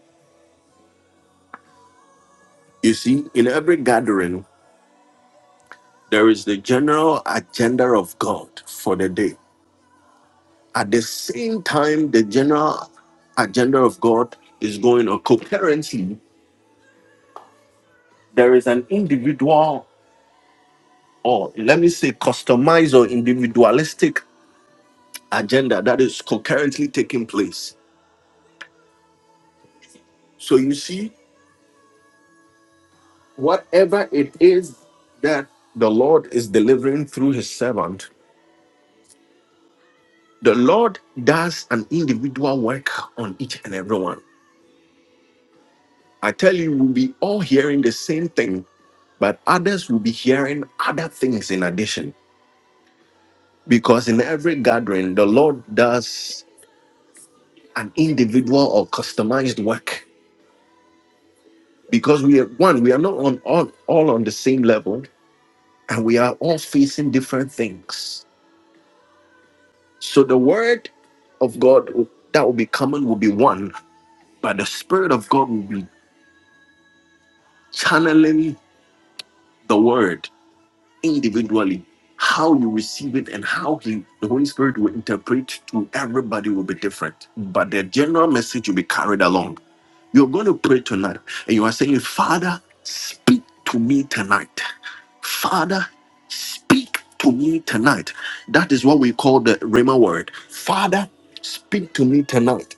Speaker 1: You see, in every gathering, there is the general agenda of God for the day. At the same time, the general agenda of God is going on. Coherently, there is an individual, or let me say, customized or individualistic agenda that is coherently taking place. So you see that the Lord is delivering through his servant. The Lord does an individual work on each and every one. I tell you, we'll be all hearing the same thing, but others will be hearing other things in addition. Because in every gathering, the Lord does an individual or customized work. Because we are one, we are not on all, all on the same level, and we are all facing different things. So the word of God that will be coming will be one, but the spirit of God will be channeling the word individually. How you receive it and how he, the Holy Spirit will interpret to everybody will be different. But the general message will be carried along. You're going to pray tonight and you are saying, Father, speak to me tonight. Father, speak to me tonight. That is what we call the Rhema word. Father, speak to me tonight.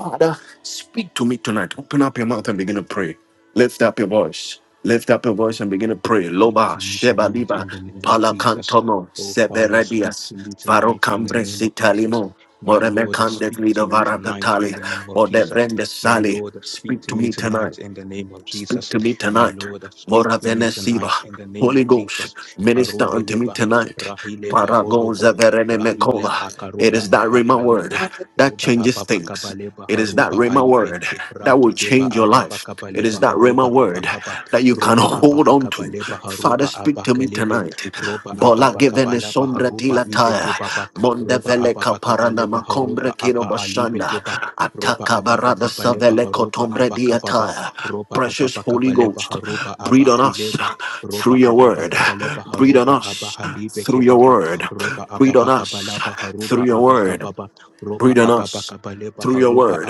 Speaker 1: Father, speak to me tonight. Open up your mouth and begin to pray. Lift up your voice. Lift up your voice and begin to pray.
Speaker 2: Speak
Speaker 1: Loba,
Speaker 2: to me
Speaker 1: Sheba,
Speaker 2: tonight
Speaker 1: Liba,
Speaker 2: in the name of Jesus.
Speaker 1: Palacantomo,
Speaker 2: Oh Father, speak
Speaker 1: Severedias,
Speaker 2: to me tonight in the
Speaker 1: Varocambre,
Speaker 2: name of Jesus.
Speaker 1: Sitalimo,
Speaker 2: My Lord,
Speaker 1: Moremecande,
Speaker 2: speak to
Speaker 1: Lido,
Speaker 2: me tonight in
Speaker 1: Varadatali,
Speaker 2: the name of Jesus.
Speaker 1: Modevrende,
Speaker 2: My
Speaker 1: Sali.
Speaker 2: Lord, speak
Speaker 1: Speak
Speaker 2: to
Speaker 1: to
Speaker 2: me
Speaker 1: me tonight.
Speaker 2: tonight in the name of
Speaker 1: Speak
Speaker 2: Jesus.
Speaker 1: to me
Speaker 2: My
Speaker 1: tonight.
Speaker 2: Lord, speak
Speaker 1: Mora
Speaker 2: to me
Speaker 1: Venesiva.
Speaker 2: tonight in the name
Speaker 1: Holy
Speaker 2: of
Speaker 1: Ghost,
Speaker 2: Jesus.
Speaker 1: minister unto me
Speaker 2: Arubeleba,
Speaker 1: tonight.
Speaker 2: Rahileba
Speaker 1: Paragon
Speaker 2: Oroba,
Speaker 1: Zaverene
Speaker 2: Rahila
Speaker 1: Mekova. It
Speaker 2: Akaroba
Speaker 1: is that Rhema word
Speaker 2: Abakalibe,
Speaker 1: that
Speaker 2: Roba
Speaker 1: changes things.
Speaker 2: Ababakabaleba
Speaker 1: It is that
Speaker 2: Haruba
Speaker 1: Rhema
Speaker 2: Aibe,
Speaker 1: word that will
Speaker 2: Rakideba
Speaker 1: change your life. It is
Speaker 2: Ababakabaleba
Speaker 1: that
Speaker 2: Haruba
Speaker 1: Rhema word
Speaker 2: Abakaba.
Speaker 1: that you can
Speaker 2: Roba
Speaker 1: hold
Speaker 2: ababa
Speaker 1: on to.
Speaker 2: kabale
Speaker 1: Father,
Speaker 2: baharuba
Speaker 1: speak to me
Speaker 2: abakelebe.
Speaker 1: tonight.
Speaker 2: Roba
Speaker 1: Bola
Speaker 2: ababa
Speaker 1: givene
Speaker 2: kabala
Speaker 1: sombra
Speaker 2: baharuba
Speaker 1: tilataya.
Speaker 2: ibeke baba.
Speaker 1: Monda
Speaker 2: Roba
Speaker 1: vele
Speaker 2: ababa kabale
Speaker 1: kaparana makombre
Speaker 2: baharuba
Speaker 1: kiro
Speaker 2: aba alibe
Speaker 1: bashanda.
Speaker 2: keba. Roba
Speaker 1: Ataka
Speaker 2: ababa
Speaker 1: barada
Speaker 2: kabale
Speaker 1: savele
Speaker 2: baharuba
Speaker 1: kotombre
Speaker 2: abakababa.
Speaker 1: diataya.
Speaker 2: Roba
Speaker 1: Precious
Speaker 2: ababa
Speaker 1: Holy
Speaker 2: kabale
Speaker 1: Ghost,
Speaker 2: baharuba
Speaker 1: breathe on us
Speaker 2: abakileba.
Speaker 1: through
Speaker 2: Roba
Speaker 1: your
Speaker 2: ababa
Speaker 1: word.
Speaker 2: kabale
Speaker 1: Breathe on
Speaker 2: baharuba
Speaker 1: us
Speaker 2: abahalibe
Speaker 1: through your
Speaker 2: kebaba.
Speaker 1: word.
Speaker 2: Roba
Speaker 1: Breathe
Speaker 2: ababa
Speaker 1: on
Speaker 2: kabala
Speaker 1: us through
Speaker 2: baharuba
Speaker 1: your word.
Speaker 2: abakababa. Roba
Speaker 1: Breathe on
Speaker 2: ababa
Speaker 1: us
Speaker 2: kabale
Speaker 1: through your
Speaker 2: baharuba
Speaker 1: word.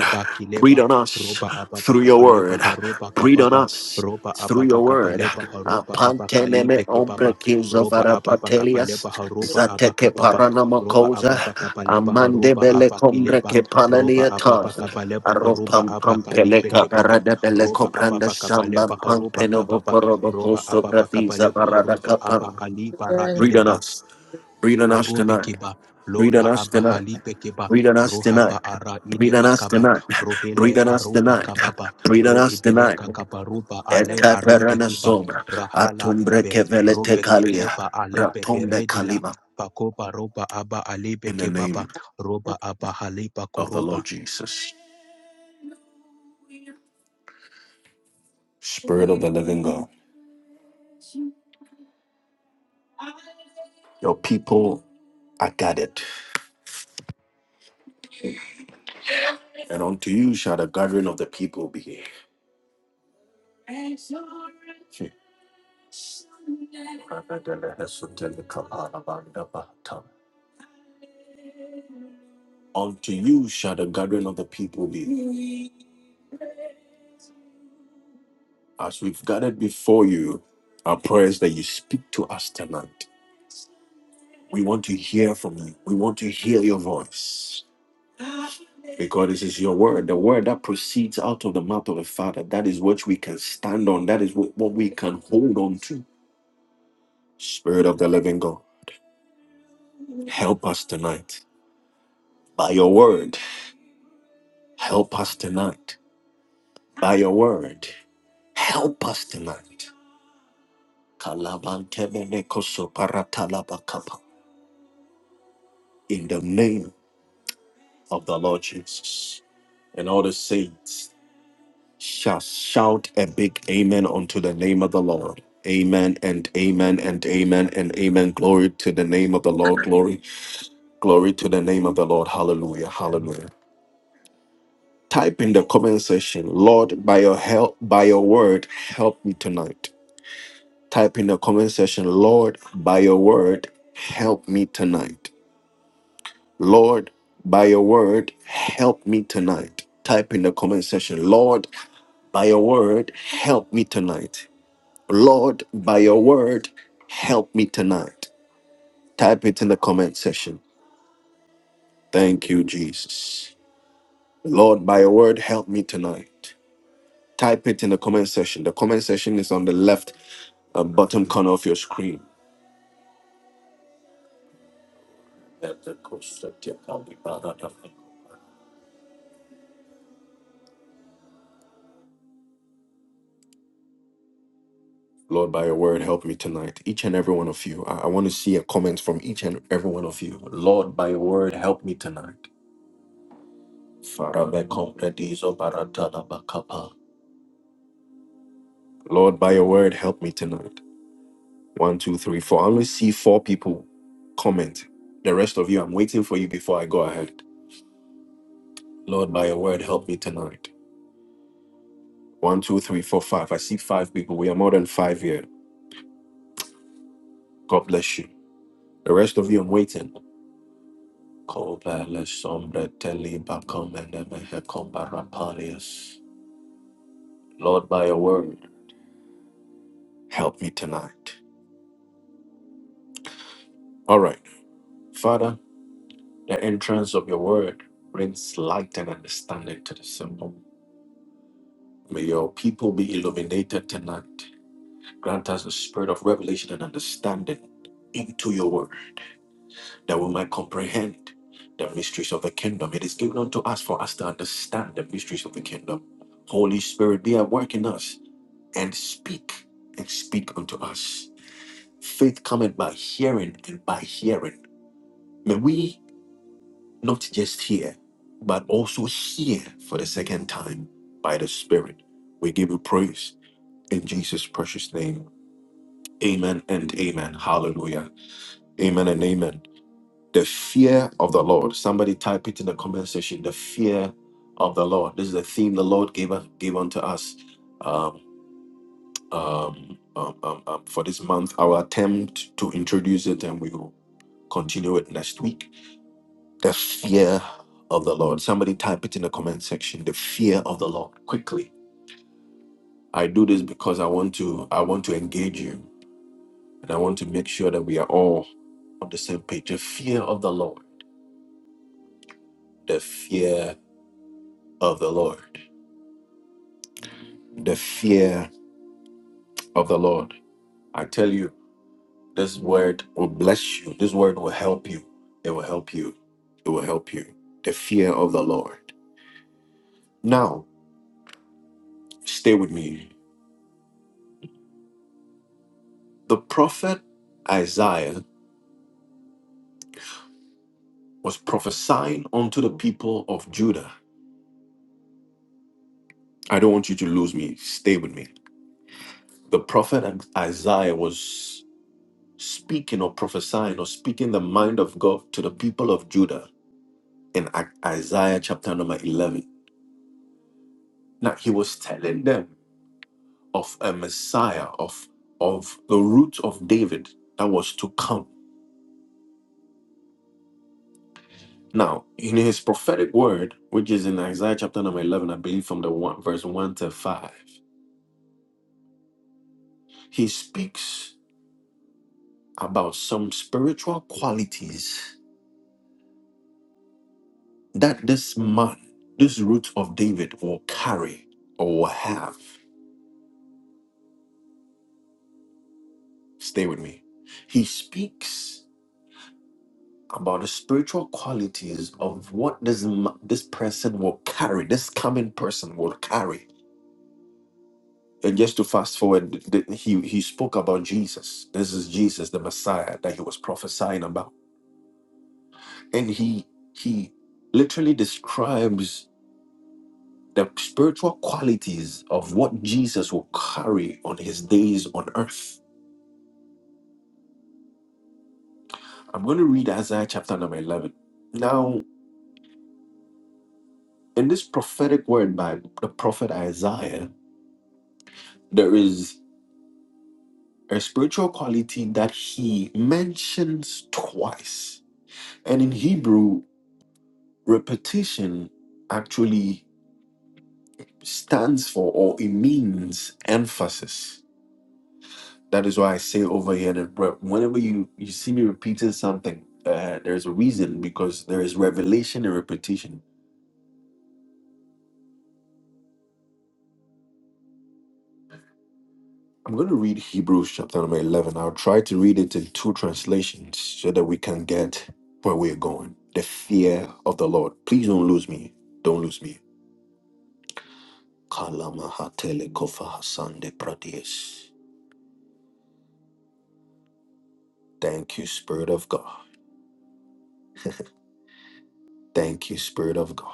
Speaker 1: Breathe on us
Speaker 2: Roba ababa
Speaker 1: through your
Speaker 2: kabale
Speaker 1: word.
Speaker 2: baharuba
Speaker 1: Breathe on
Speaker 2: kababa
Speaker 1: us
Speaker 2: roba
Speaker 1: through
Speaker 2: ababa
Speaker 1: your word.
Speaker 2: kabaleba haruba abakalibe
Speaker 1: Apanteneme
Speaker 2: kebaba
Speaker 1: ombrekis of
Speaker 2: roba ababa
Speaker 1: Arapatelias,
Speaker 2: kabaleba haruba
Speaker 1: Zateke
Speaker 2: abakababa roba
Speaker 1: Paranamakosa,
Speaker 2: ababa kabaleba
Speaker 1: Amande
Speaker 2: haruba
Speaker 1: Bele
Speaker 2: abakileba
Speaker 1: Combreke
Speaker 2: roba ababa
Speaker 1: Pananiata,
Speaker 2: kabaleba haruba
Speaker 1: Aropam
Speaker 2: abakalibe
Speaker 1: Pampeleca
Speaker 2: kebaba
Speaker 1: Parada Bele
Speaker 2: roba
Speaker 1: Cobranda
Speaker 2: ababa
Speaker 1: Samba
Speaker 2: kabaleba haruba
Speaker 1: Pampenobo
Speaker 2: kababa
Speaker 1: Porobo
Speaker 2: roba
Speaker 1: Costo
Speaker 2: ababa
Speaker 1: Bratiza
Speaker 2: kabaleba
Speaker 1: Barada
Speaker 2: haruba
Speaker 1: Capar.
Speaker 2: abahaliba
Speaker 3: Hallelujah.
Speaker 1: Breathe on
Speaker 2: raileba
Speaker 1: us. Breathe on us tonight.
Speaker 2: Karobekeba,
Speaker 1: Breathe on
Speaker 2: Lora
Speaker 1: us tonight.
Speaker 2: Abahalibekeba,
Speaker 1: Breathe on us tonight.
Speaker 2: Rohaba Ara
Speaker 1: Breathe on us
Speaker 2: Idebakaba,
Speaker 1: tonight.
Speaker 2: Rohele
Speaker 1: Breathe on us
Speaker 2: Aruba
Speaker 1: tonight.
Speaker 2: Kababa,
Speaker 1: Breathe on us tonight.
Speaker 2: Roebeleka Kabaruba Ale
Speaker 1: Eta perana
Speaker 2: Arudekeba,
Speaker 1: sombra.
Speaker 2: Rahala
Speaker 1: Atumbre
Speaker 2: Ibe,
Speaker 1: kevele te kalia.
Speaker 2: Robekedeba Alebe
Speaker 1: Ratumbe
Speaker 2: Beredila,
Speaker 1: kalima.
Speaker 2: Pakoba Roba Aba
Speaker 1: In the
Speaker 2: Alebekebaba,
Speaker 1: name
Speaker 2: Roba Abahaliba
Speaker 1: of the
Speaker 2: Koroba,
Speaker 1: Lord Jesus, Spirit of the living God, your people are gathered, and unto you shall the gathering of the people be. Hmm. Unto you shall the gathering of the people be. As we've gathered before you, our prayers that you speak to us tonight. We want to hear from you. We want to hear your voice. Because this is your word, the word that proceeds out of the mouth of the Father. That is what we can stand on. That is what, what we can hold on to. Spirit of the living God, help us tonight. By your word, help us tonight. By your word, help us tonight. Kalabantemenekosoparatalabakampa. In the name of the Lord Jesus. And all the saints shall shout a big amen unto the name of the Lord. Amen and amen and amen and amen. Glory to the name of the Lord. Glory, glory to the name of the Lord. Hallelujah. Hallelujah. Type in the comment section, Lord, by your help, by your word, help me tonight. Type in the comment section, Lord, by your word, help me tonight Lord, by your word, help me tonight. Type in the comment section, Lord, by your word, help me tonight. Lord, by your word, help me tonight. Type it in the comment section. Thank you, Jesus. Lord, by your word, help me tonight. Type it in the comment section. The comment section is on the left uh, bottom corner of your screen. Lord, by your word, help me tonight. Each and every one of you. I, I want to see a comment from each and every one of you. Lord, by your word, help me tonight. Farabekompredizo baratalabakapa. Lord, by your word, help me tonight. One, two, three, four. I only see four people comment. The rest of you, I'm waiting for you before I go ahead. Lord, by your word, help me tonight. One, two, three, four, five. I see five people. We are more than five here. God bless you. The rest of you, I'm waiting. Kobele sombre teli bakom enemehe kombarapanias. Lord, by your word, help me tonight. All right. Father, the entrance of your word brings light and understanding to the simple. May your people be illuminated tonight. Grant us the spirit of revelation and understanding into your word that we might comprehend the mysteries of the kingdom. It is given unto us for us to understand the mysteries of the kingdom. Holy Spirit, be at work in us and speak and speak unto us. Faith cometh by hearing and by hearing. May we not just hear, but also hear for the second time by the Spirit. We give you praise in Jesus' precious name. Amen and amen. Hallelujah. Amen and amen. The fear of the Lord. Somebody type it in the comment section. The fear of the Lord. This is the theme the Lord gave, gave unto us um, um, um, um, um, for this month. Our attempt to introduce it, and we will continue it next week. The fear of the Lord. Somebody type it in the comment section. The fear of the Lord. Quickly. I do this because I want to. I want to engage you, and I want to make sure that we are all on the same page. The fear of the Lord. The fear of the Lord. The fear of the Lord. I tell you. This word will bless you. This word will help you. It will help you. It will help you. The fear of the Lord. Now, stay with me. The prophet Isaiah was prophesying unto the people of Judah. I don't want you to lose me. Stay with me. The prophet Isaiah was speaking or prophesying or speaking the mind of God to the people of Judah in I- Isaiah chapter number 11. Now, he was telling them. of a Messiah, of, of the root of David that was to come. Now, in his prophetic word, which is in Isaiah chapter number 11, I believe from the one, verse 1 to 5, he speaks about some spiritual qualities that this man, this root of David, will carry or will have. Stay with me. He speaks about the spiritual qualities of what this ma- this person will carry, this coming person will carry And just to fast forward, th- th- he, he spoke about Jesus. This is Jesus, the Messiah that he was prophesying about. And he he literally describes the spiritual qualities of what Jesus will carry on his days on earth. I'm going to read Isaiah chapter number 11. Now, in this prophetic word by the prophet Isaiah, there is a spiritual quality that he mentions twice. And in Hebrew, repetition actually stands for or it means emphasis. That is why I say over here that re- whenever you, you see me repeating something, uh, there's a reason because there is revelation and repetition. I'm going to read Hebrews chapter number 11. I'll try to read it in two translations so that we can get where we're going. The fear of the Lord. Please don't lose me. Don't lose me. Kalamahatelekofahasandepradies. Thank you, Spirit of God. Thank you, Spirit of God.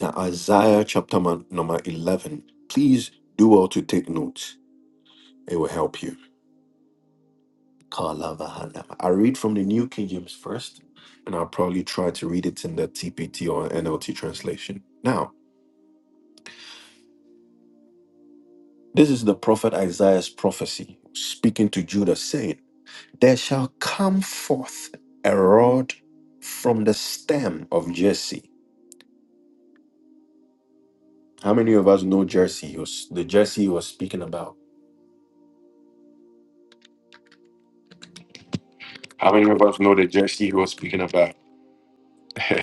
Speaker 1: Now, Isaiah chapter mon- number 11. Please do all to take notes, it will help you. Kalavahana. I read from the New King James first, and I'll probably try to read it in the TPT or NLT translation. Now, this is the prophet Isaiah's prophecy speaking to Judah, saying, There shall come forth a rod from the stem of Jesse. How many of us know Jesse? He was- The Jesse he was speaking about How many of us know the Jesse who was speaking about? How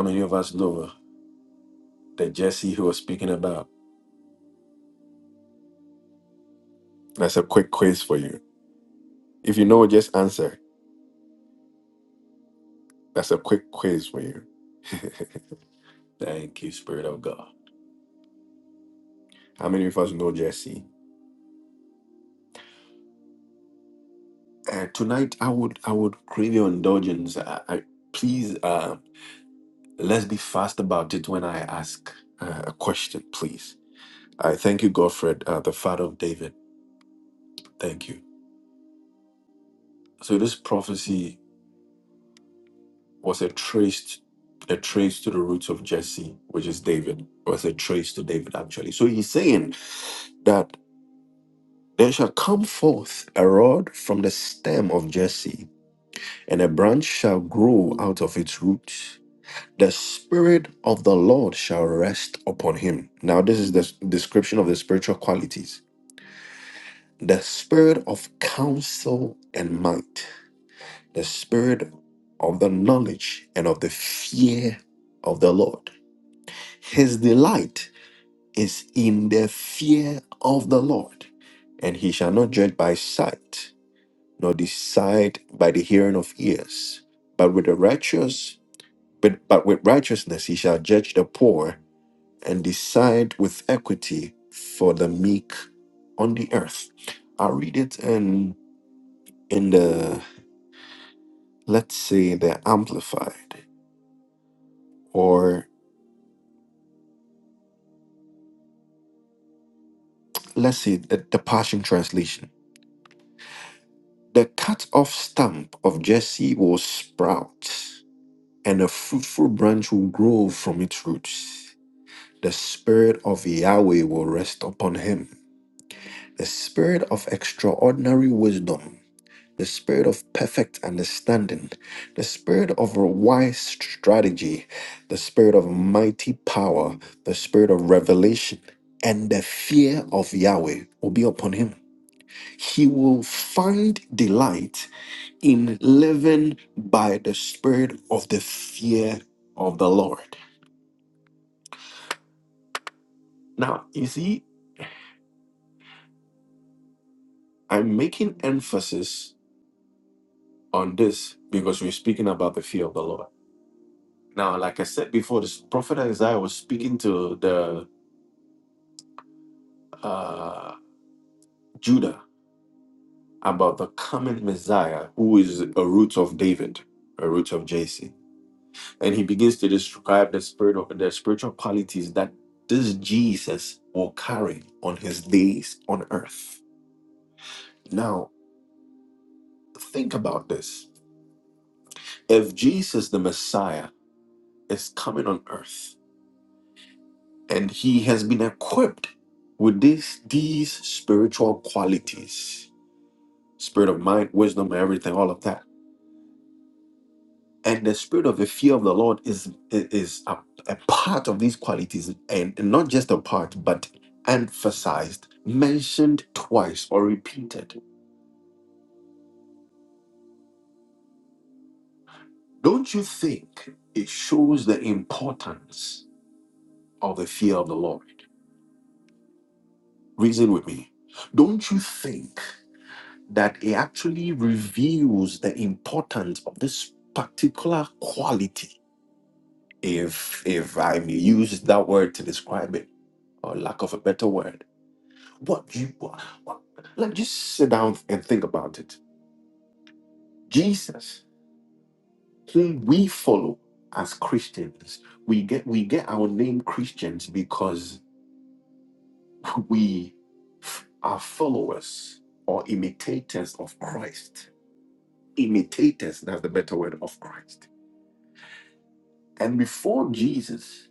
Speaker 1: many of us know the Jesse who was speaking about? That's a quick quiz for you. If you know, just answer. That's a quick quiz for you. Thank you, Spirit of God. How many of us know Jesse? Uh, tonight, I would I would crave your indulgence. I, I, please, uh, let's be fast about it when I ask uh, a question, please. I thank you, Godfred, uh, the father of David. Thank you. So this prophecy. was a trace a trace to the roots of Jesse, which is David, It was a trace to David actually. So he's saying that there shall come forth a rod from the stem of Jesse, and a branch shall grow out of its roots. The spirit of the Lord shall rest upon him. Now, this is the s- description of the spiritual qualities the spirit of counsel and might, the spirit of the knowledge and of the fear of the Lord His delight is in the fear of the Lord, and he shall not judge by sight, nor decide by the hearing of ears. But with the righteous, but, but with righteousness he shall judge the poor and decide with equity for the meek on the earth. i read it in in the let's say the amplified or let's say the, the Passion Translation. The cut off stump of Jesse will sprout, and a fruitful branch will grow from its roots. The spirit of Yahweh will rest upon him the spirit of extraordinary wisdom, the spirit of perfect understanding, the spirit of a wise strategy, the spirit of mighty power, the spirit of revelation. And the fear of Yahweh will be upon him. He will find delight in living by the spirit of the fear of the Lord. Now, you see, I'm making emphasis on this because we're speaking about the fear of the Lord. Now, like I said before, this prophet Isaiah was speaking to the uh, Judah about the coming Messiah, who is a root of David, a root of Jesse, and he begins to describe the spirit of the spiritual qualities that this Jesus will carry on his days on earth. Now, think about this. If Jesus the Messiah is coming on earth and he has been equipped with this, these spiritual qualities spirit of mind, wisdom, everything, all of that. And the spirit of the fear of the Lord is, is a, a part of these qualities, and not just a part, but emphasized, mentioned twice, or repeated. Don't you think it shows the importance of the fear of the Lord? Reason with me. Don't you think that it actually reveals the importance of this particular quality? If if I may use that word to describe it, or lack of a better word, what you what, what- like just sit down and think about it. Jesus, whom we follow as Christians, we get we get our name Christians because we f- are followers or imitators of Christ imitators, that's the better word, of Christ. And before Jesus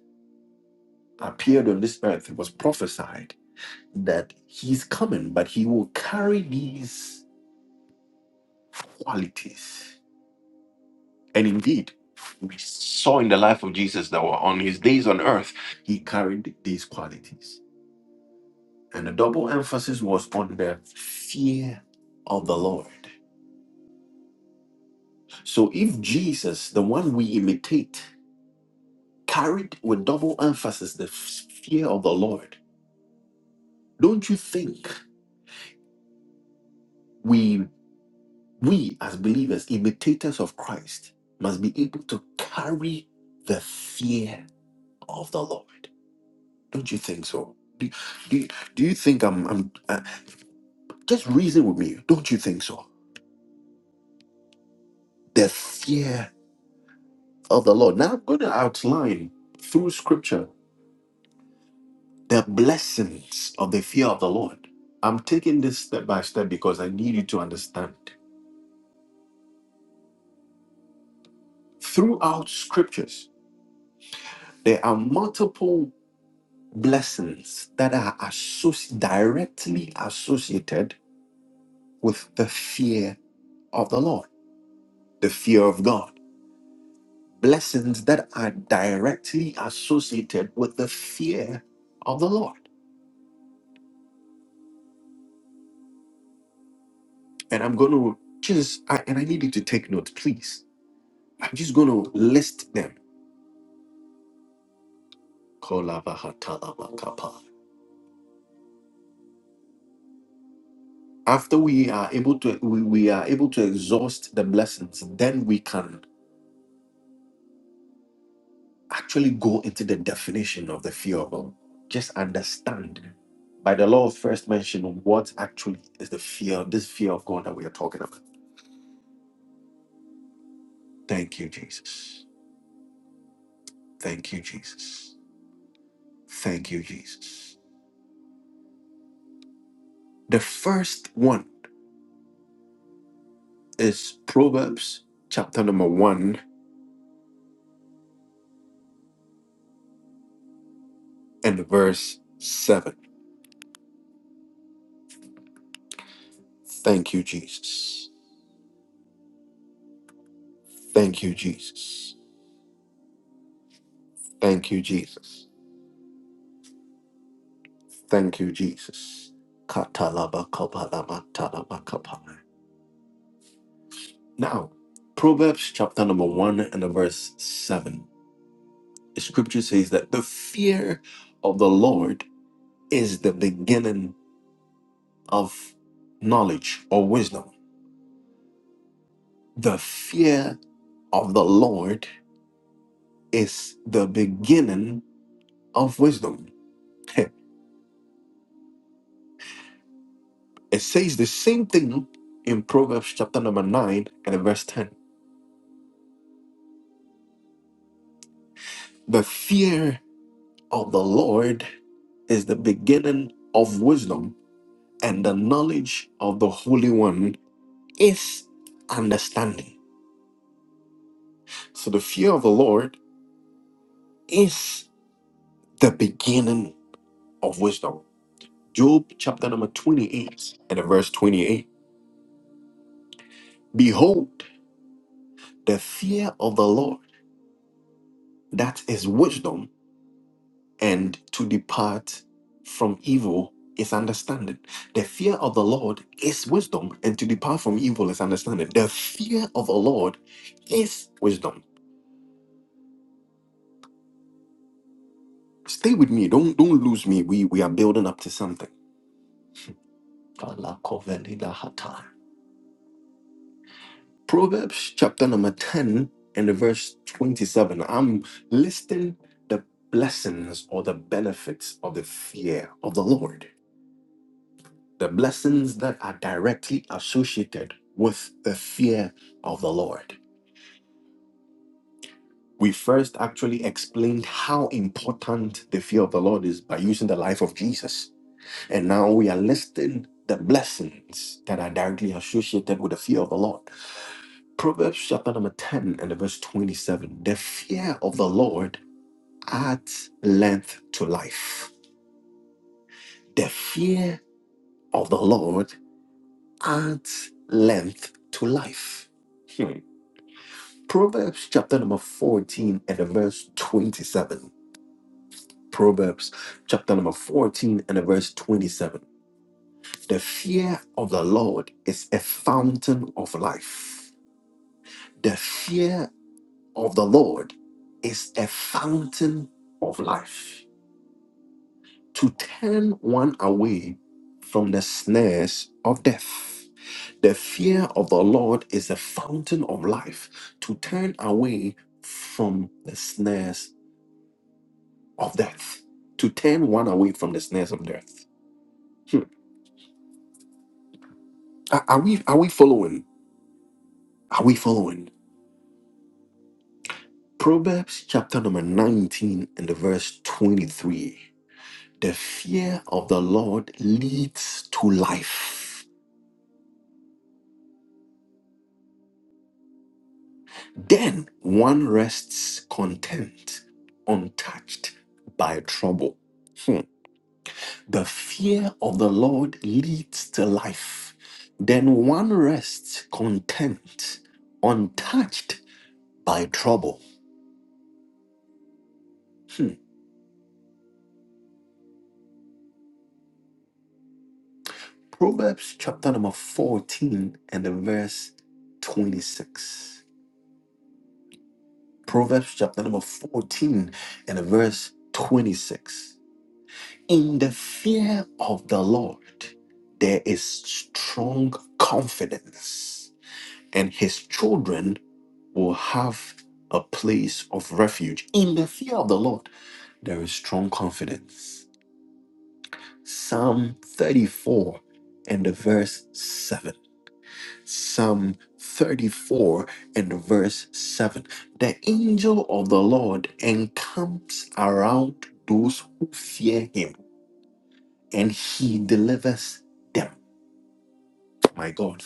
Speaker 1: appeared on this earth, it was prophesied that he's coming, but he will carry these qualities. And indeed, we saw in the life of Jesus that were on his days on earth, he carried these qualities. And the double emphasis was on the fear of the Lord. So if Jesus, the one we imitate, carried with double emphasis the f- fear of the Lord, Don't you think we we as believers, imitators of Christ, must be able to carry the fear of the Lord? Don't you think so? Do, do, do you think I'm, I'm uh, just reason with me? Don't you think so? The fear of the Lord. Now I'm going to outline through scripture the blessings of the fear of the Lord. I'm taking this step by step because I need you to understand. Throughout scriptures, there are multiple blessings that are associ- directly associated with the fear of the Lord, the fear of God. Blessings that are directly associated with the fear of the Lord. And I'm going to just, I, and I need you to take note, please. I'm just going to list them. Kolavahatalabakapa. After we are able to, we, we are able to exhaust the blessings, then we can. actually go into the definition of the fear of God. Just understand by the law of first mention what actually is the fear, this fear of God that we are talking about. Thank you, Jesus. Thank you, Jesus. Thank you, Jesus. The first one is Proverbs chapter number one and verse seven. Thank you, Jesus. Thank you, Jesus. Thank you, Jesus. Thank you, Jesus. Katalaba kabalaba talaba kapa. Now, Proverbs chapter number one and the verse seven. The scripture says that the fear of the Lord is the beginning of knowledge or wisdom. The fear of the Lord is the beginning of wisdom. Heh. It says the same thing in Proverbs chapter number nine and the verse 10. The fear of the Lord is the beginning of wisdom, and the knowledge of the Holy One is understanding. So the fear of the Lord is the beginning of wisdom. Job chapter number 28 and the verse 28. Behold, the fear of the Lord, that is wisdom, and to depart from evil is understanding. The fear of the Lord is wisdom, and to depart from evil is understanding. The fear of the Lord is wisdom. Stay with me. Don't don't lose me. We we are building up to something. Alakovelidahata. Proverbs chapter number 10 and the verse 27. I'm listing the blessings or the benefits of the fear of the Lord. The blessings that are directly associated with the fear of the Lord. We first actually explained how important the fear of the Lord is by using the life of Jesus. And now we are listing the blessings that are directly associated with the fear of the Lord. Proverbs chapter number 10 and the verse 27. The fear of the Lord adds length to life. The fear of the Lord adds length to life. Hmm. Proverbs chapter number 14 and the verse 27. Proverbs chapter number 14 and the verse 27. The fear of the Lord is a fountain of life. The fear of the Lord is a fountain of life. to turn one away from the snares of death. The fear of the Lord is the fountain of life, to turn away from the snares of death, to turn one away from the snares of death. Hmm. Are, are we are we following? Are we following? Proverbs chapter number 19 and the verse 23. The fear of the Lord leads to life. Then one rests content, untouched by trouble. Hmm. The fear of the Lord leads to life. Then one rests content, untouched by trouble. Hmm. Proverbs chapter number 14 and the verse 26. Proverbs chapter number 14 and the verse 26. In the fear of the Lord, there is strong confidence, and his children will have a place of refuge. In the fear of the Lord, there is strong confidence. Psalm 34 and the verse 7. Psalm 34 and the verse 7. The angel of the Lord encamps around those who fear him, and he delivers them. My God.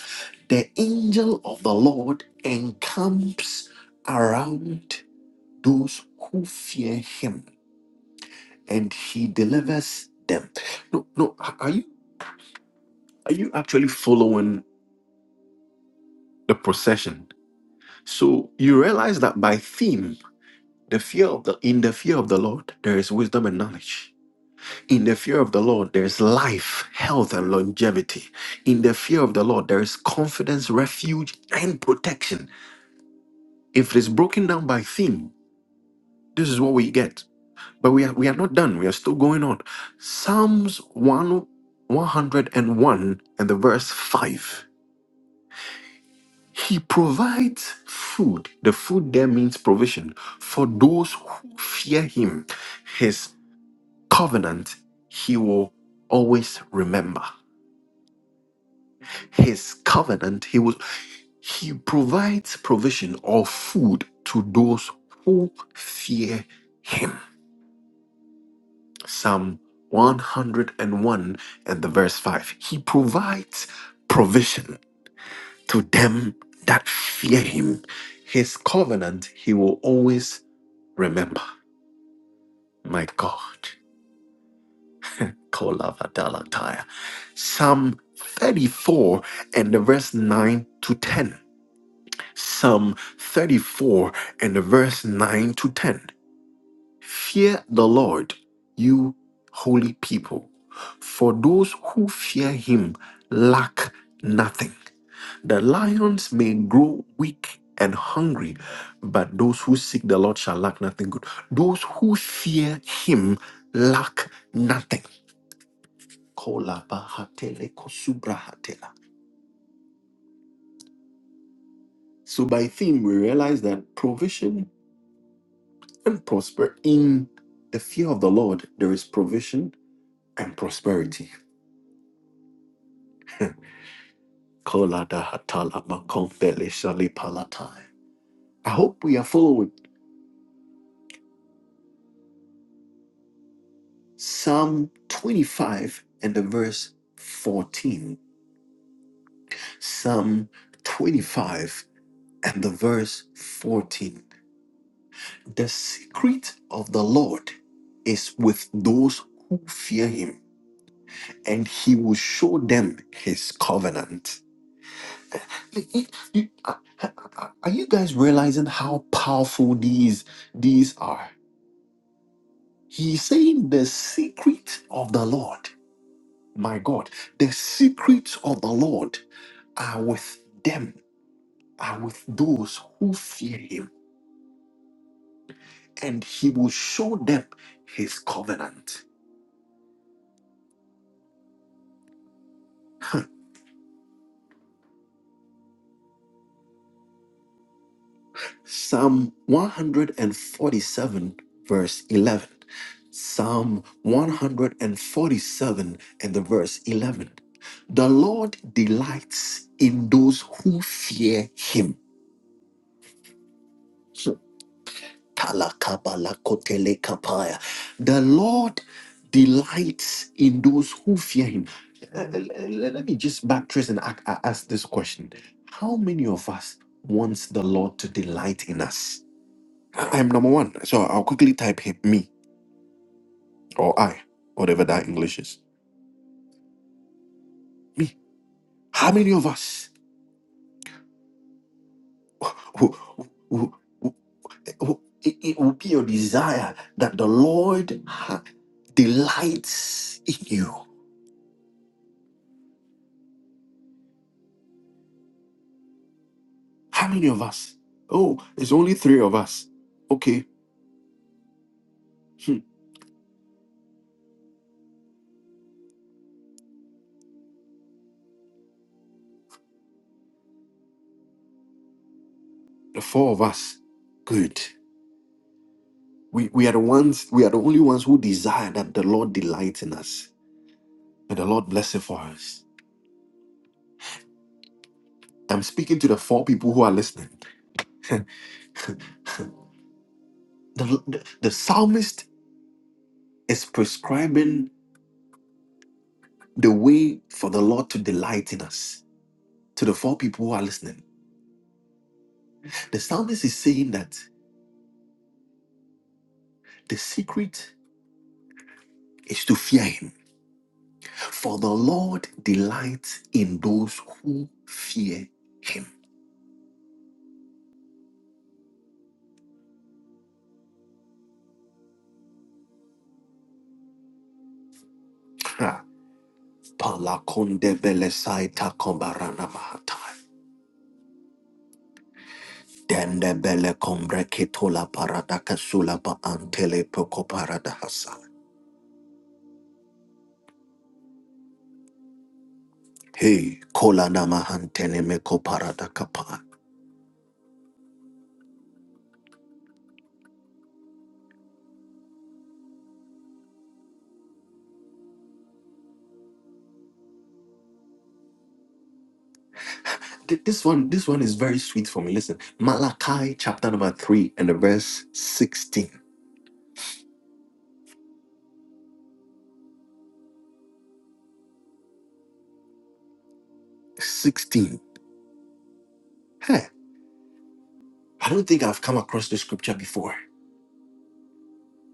Speaker 1: The angel of the Lord encamps around those who fear him and he delivers them. No, no, are you are you actually following the procession? So you realize that by theme, the fear of the in the fear of the Lord, there is wisdom and knowledge. In the fear of the Lord, there is life, health, and longevity. In the fear of the Lord, there is confidence, refuge, and protection. If it is broken down by theme, This is what we get. But we are, we are not done. We are still going on. Psalms 1, 101 and one and the verse 5. He provides food. The food there means provision for those who fear him. His covenant he will always remember. His covenant he will he provides provision or food to those who fear him. Psalm 101 and one and the verse 5. He provides provision to them that fear him. His covenant he will always remember. My God. Kolavadalataya. Psalm 34 and the verse 9 to 10. Psalm 34 and the verse 9 to 10. Fear the Lord, you holy people, for those who fear him lack nothing. The lions may grow weak and hungry, but those who seek the Lord shall lack nothing good. Those who fear him lack nothing. Kolabahatele kosubrahatela. So, by theme, we realize that provision and prosper in the fear of the Lord, there is provision and prosperity. Kolada hatala makombele shalipalatai. I hope we are following Psalm 25 and the verse 14. Psalm 25 and the verse 14. The secret of the Lord is with those who fear him, and he will show them his covenant. You- you- Are are- are you guys realizing how powerful these these are? He's saying the secret of the Lord, my God, the secrets of the Lord are with them, are with those who fear him, and he will show them his covenant. Psalm 147, verse 11. Psalm 147 and the verse 11. The Lord delights in those who fear him. So, Talakabalakopelekapaya. The Lord delights in those who fear Him. Uh, Let let me just backtrace and ac- a- ask this question How many of us wants the Lord to delight in us? I- I'm number one, so I'll quickly type him, me or I, whatever that English is. Me. How many of us who, who, who, who- it, it will be your desire that the Lord ha- delights in you? How many of us? Oh, it's only three of us. Okay, hmm, the four of us. Good. We, we are the ones, we are the only ones who desire that the Lord delights in us. May the Lord bless it for us. I'm speaking to the four people who are listening. the, the, the psalmist is prescribing the way for the Lord to delight in us to the four people who are listening. The psalmist is saying that the secret is to fear him For the Lord delights in those who fear him. Ha. Palakonde bele saita kombarana mahata. Dende bele kombre ketola parada kasula ba antele poko parada hasa. Hey, kola nama hantene meko parada kapa. Th- This one, this one is very sweet for me. Listen, Malachi chapter number three and the verse 16. 16. Hey, I don't think I've come across this scripture before.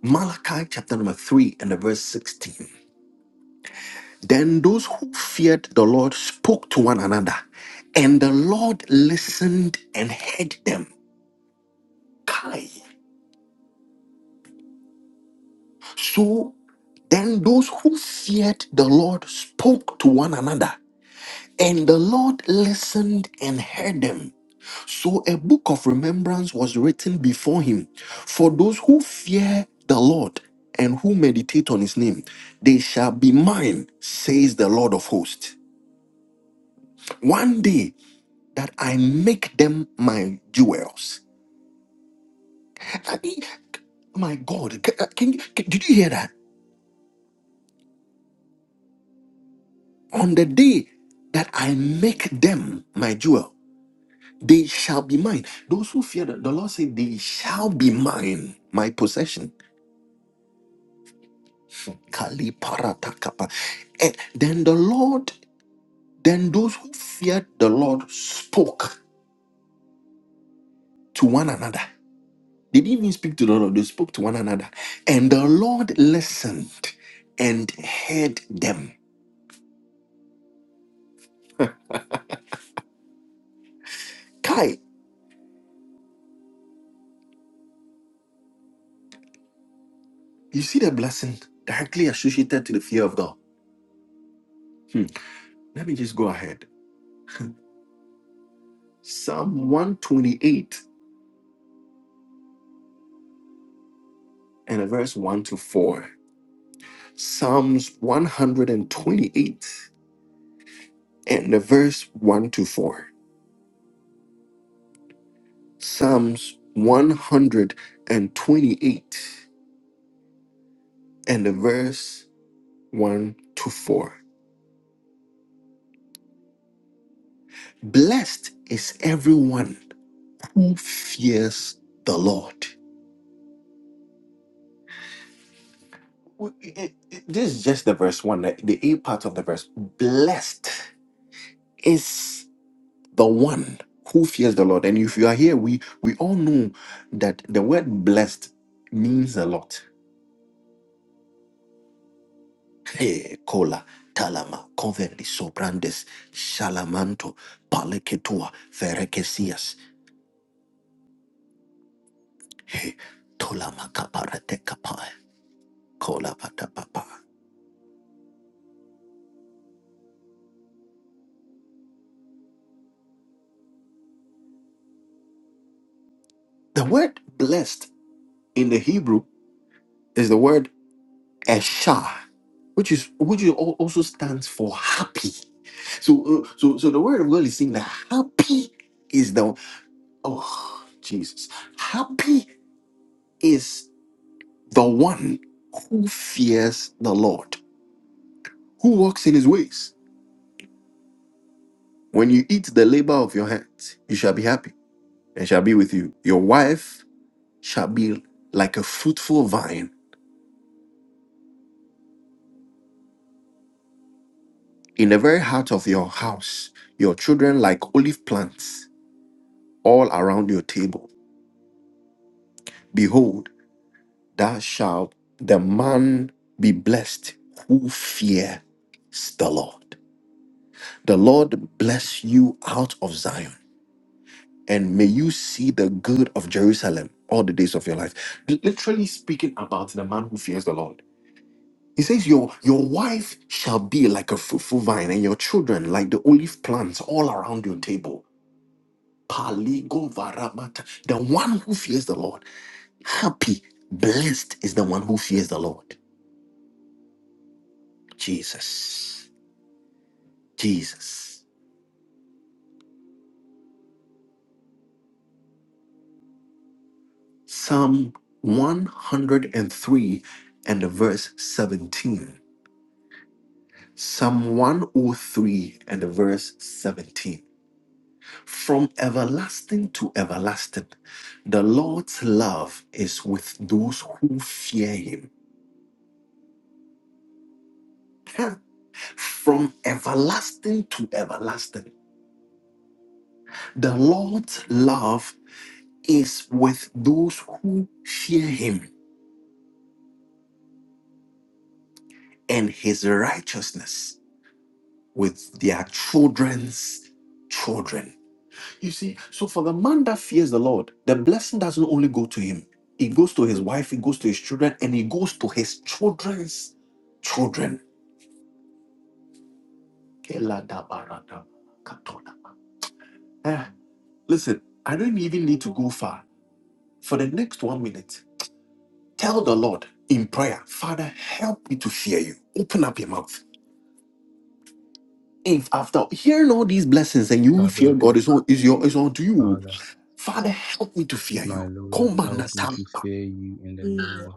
Speaker 1: Malachi chapter number 3 and the verse 16. Then those who feared the Lord spoke to one another, and the Lord listened and heard them. Kai. So then those who feared the Lord spoke to one another, and the Lord listened and heard them. So a book of remembrance was written before him for those who fear the Lord and who meditate on his name. They shall be mine, says the Lord of hosts. One day that I make them my jewels. I mean, my God, ca- uh, can, you- ca- did you hear that? On the day that I make them my jewel, they shall be mine. Those who fear the, the Lord said, they shall be mine, my possession. Kali paratakapa. And then the Lord, then those who feared the Lord spoke to one another. They didn't even speak to the Lord, they spoke to one another. And the Lord listened and heard them. Kai, you see the blessing directly associated to the fear of God. Hmm. Let me just go ahead. Psalm 128 and the verse 1 to 4. Psalms 128 and the verse 1 to 4. Psalms 128 and the verse 1 to 4. Blessed is everyone fears the Lord. W- it- it- This is just the verse one, the the A part of the verse. Blessed is the one who fears the Lord. And if you are here, we we all know that the word blessed means a lot. Hey, kola, talama, coverly, sobrandes, shalamanto, paleketua, ferekesias, hey, tolama kaparate kapai, kola patapapa. The word blessed in the Hebrew is the word Esha, which is which is al- also stands for happy. So uh, so so the word of God is saying that happy is the oh Jesus, happy is the one who fears the Lord, who walks in His ways. When you eat the labor of your hands, you shall be happy and shall be with you. Your wife shall be like a fruitful vine in the very heart of your house. Your children like olive plants all around your table. Behold. Thou shalt the man be blessed who fears the Lord. The Lord bless you out of Zion, and may you see the good of Jerusalem all the days of your life. L- Literally speaking about the man who fears the Lord. He says, Your your wife shall be like a fruitful vine, and your children like the olive plants all around your table. Paligo varabata, The one who fears the Lord. Happy, blessed is the one who fears the Lord. Jesus. Jesus. Psalm 103 and the verse 17. Psalm 103 and the verse 17. From everlasting to everlasting, the Lord's love is with those who fear him. Huh. From everlasting to everlasting, the Lord's love is with those who fear him and his righteousness with their children's children. You see, so for the man that fears the Lord, the blessing doesn't only go to him, it goes to his wife, it goes to his children, and it goes to his children's children. Eh, listen, I don't even need to go far. For the next one minute, tell the Lord in prayer, Father, help me to fear you. Open up your mouth. If after hearing all these blessings and you fear God,
Speaker 2: Karoba,
Speaker 1: is on is your is on to you. Father, help me to fear
Speaker 2: My
Speaker 1: you.
Speaker 2: Lord,
Speaker 1: Komanda
Speaker 2: help me to
Speaker 1: tamba,
Speaker 2: fear you in the name of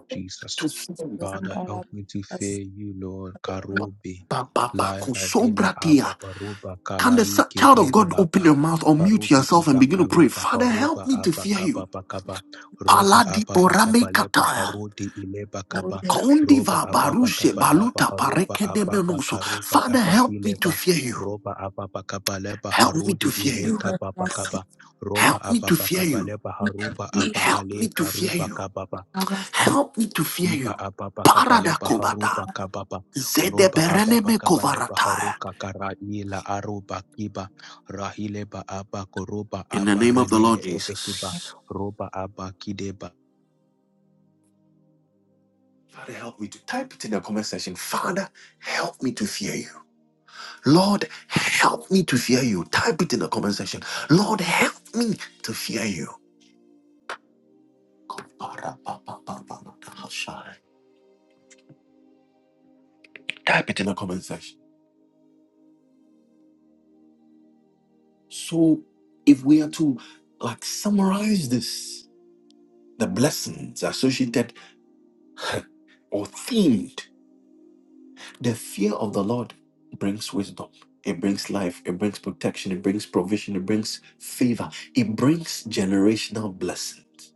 Speaker 1: To
Speaker 2: Jesus.
Speaker 1: fear you.
Speaker 2: Father, help me to fear you, Lord. Karobe,
Speaker 1: Ba, ba, ba,
Speaker 2: Laira de la
Speaker 1: kosobra dia.
Speaker 2: Abba, Baroba,
Speaker 1: Can the s-
Speaker 2: Kalai,
Speaker 1: child of
Speaker 2: Kire de
Speaker 1: God open
Speaker 2: Laba,
Speaker 1: your mouth or mute
Speaker 2: Barobi,
Speaker 1: yourself and
Speaker 2: Iba,
Speaker 1: begin to pray?
Speaker 2: Kalaba,
Speaker 1: Father, help
Speaker 2: Haroba,
Speaker 1: me to
Speaker 2: aba
Speaker 1: fear you.
Speaker 2: Kaba, Bakaba, Roba,
Speaker 1: Paladi
Speaker 2: aba Bakaba,
Speaker 1: borame
Speaker 2: Leba,
Speaker 1: kataya.
Speaker 2: Harodi, Ileba, Kaba, Roba,
Speaker 1: Kondiva
Speaker 2: aba
Speaker 1: baruse
Speaker 2: Bakaba, Laba,
Speaker 1: baluta
Speaker 2: Haroba,
Speaker 1: parekede
Speaker 2: aba
Speaker 1: menuso.
Speaker 2: Bakaroba,
Speaker 1: Father,
Speaker 2: Abba,
Speaker 1: help me to
Speaker 2: Hileba,
Speaker 1: fear you.
Speaker 2: Roba, aba Bakaba, Leba,
Speaker 1: Help me to
Speaker 2: Harodi,
Speaker 1: fear
Speaker 2: Ile,
Speaker 1: you.
Speaker 2: Kaba, bakaba roba
Speaker 1: Help me to
Speaker 2: apapa
Speaker 1: fear you.
Speaker 2: kapaleba haruba
Speaker 1: Help
Speaker 2: apahale
Speaker 1: me to fear
Speaker 2: karuba
Speaker 1: you.
Speaker 2: kababa
Speaker 1: Help me to fear
Speaker 2: riba
Speaker 1: you.
Speaker 2: apapa
Speaker 1: Parada
Speaker 2: kapaleba
Speaker 1: kobata.
Speaker 2: haruba kababa
Speaker 1: Zede
Speaker 2: roba apapa
Speaker 1: bereneme
Speaker 2: kapaleba
Speaker 1: kovarata.
Speaker 2: haruka karaila aruba kiba rahile ba apa koruba
Speaker 1: In the
Speaker 2: apa
Speaker 1: name of the
Speaker 2: reline
Speaker 1: Lord
Speaker 2: ebekiba
Speaker 1: Jesus.
Speaker 2: roba apa kideba
Speaker 1: Father, help me to type it in the comment section. Father, help me to fear you. Lord, help me to fear you. Type it in the comment section. Lord, help me to fear you. Parapapapapapapashai. Type it in the comment section. So, if we are to like summarize this, the blessings associated or themed The fear of the Lord brings wisdom. It brings life. It brings protection. It brings provision. It brings favor. It brings generational blessings.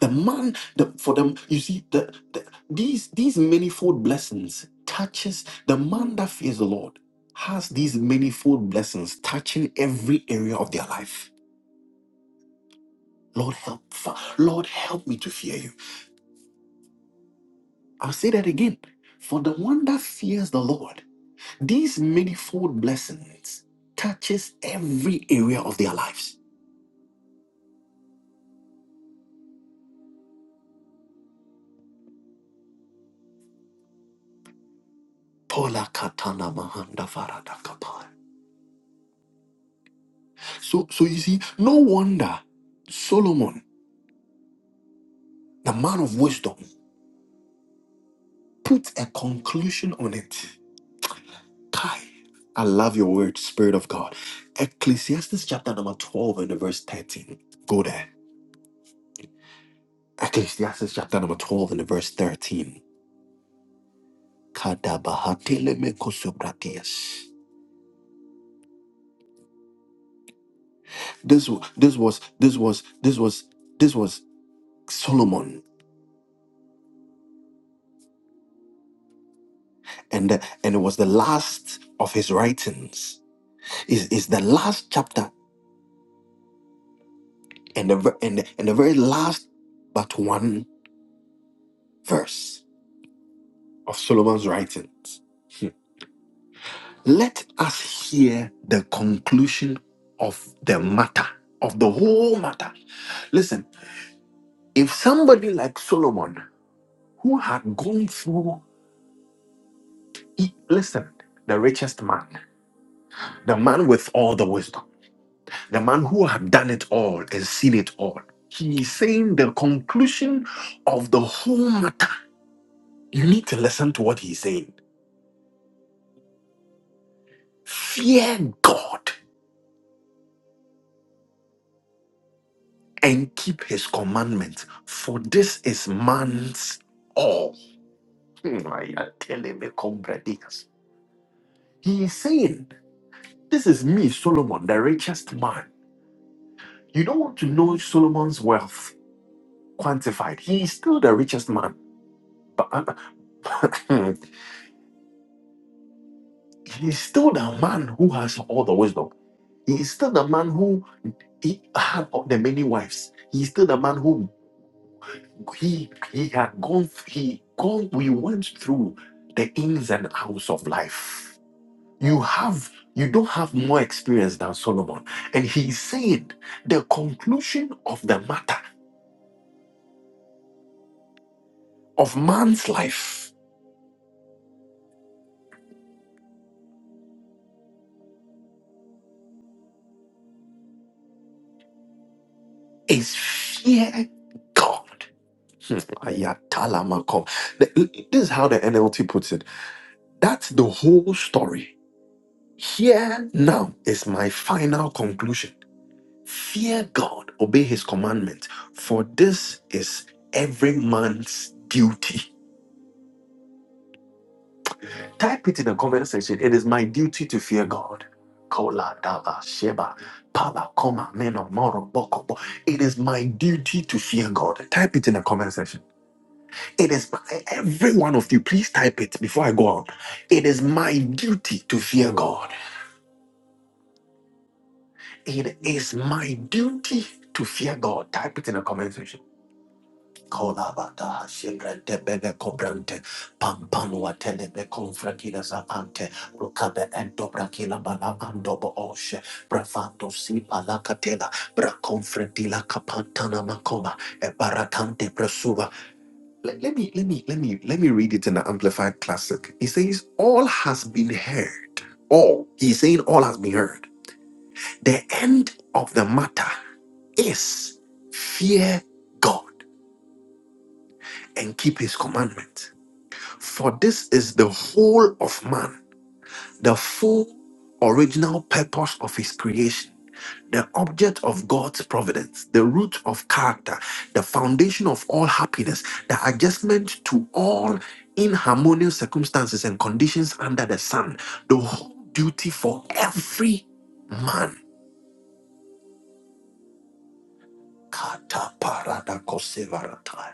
Speaker 1: The man, the, for them, you see, the, the, these these manifold blessings touches the man that fears the Lord has these manifold blessings touching every area of their life. Lord help, Fa- Lord help me to fear you. I'll say that again. For the one that fears the Lord These manifold blessings touches every area of their lives. Paula katana mahanda farada kapai. So, so you see, no wonder Solomon, the man of wisdom, put a conclusion on it. Kai, I love your word, Spirit of God. Ecclesiastes chapter number 12 and the verse 13. Go there. Ecclesiastes chapter number 12 and the verse 13. Kadabahatelemekosobratias. This wa- this was this was this was this was Solomon, and the, and it was the last of his writings. Is is the last chapter and the ver- and the, and the very last but one verse of Solomon's writings. Hmm. Let us hear the conclusion of the matter of the whole matter. Listen, if somebody like Solomon, who had gone through, he- listen, the richest man, the man with all the wisdom the man who had done it all and seen it all. He is saying the conclusion of the whole matter. You need to listen to what he's saying. Fear God and keep his commandments, for this is man's all. Hmm, I am telling me, comrades. He is saying, This is me, Solomon, the richest man. You don't want to know Solomon's wealth quantified. He is still the richest man. But He is still the man who has all the wisdom. He is still the man who he had all the many wives. He is still the man who he he had gone he gone we went through the ins and outs of life. You have you don't have more experience than Solomon. And he said the conclusion of the matter of man's life is fear God. Hmm. Ayatalamako. The- This is how the NLT puts it That's the whole story. Here now is my final conclusion. Fear God, obey his commandments, for this is every man's duty. Type it in the comment section. It is my duty to fear God. Kola, dava, sheba, pala, koma, meno, moro, boko, bo. It is my duty to fear God. Type it in the comment section. It is my, every one of you. Please type it before I go out. It is my duty to fear God. It is my duty to fear God. Type it in the comment section. Kolabata, Shibrante, Bebe, Cobrante, Pampanua, Telebe, Confrakila, Zavante, Rukabe, and Bala, and Oshe, Bravato, Sipa, La Catela, Braconfredila, Capantana, Macoma, Ebaratante, Presuva. Let, let me, let me, let me, let me read it in the Amplified Classic. It says, All has been heard. All. He's saying, All has been heard. The end of the matter is fear God and keep his commandment. For this is the whole of man, the full original purpose of his creation, the object of God's providence, the root of character, the foundation of all happiness, the adjustment to all inharmonious circumstances and conditions under the sun, the whole duty for every man. Kata parada kosevaratai.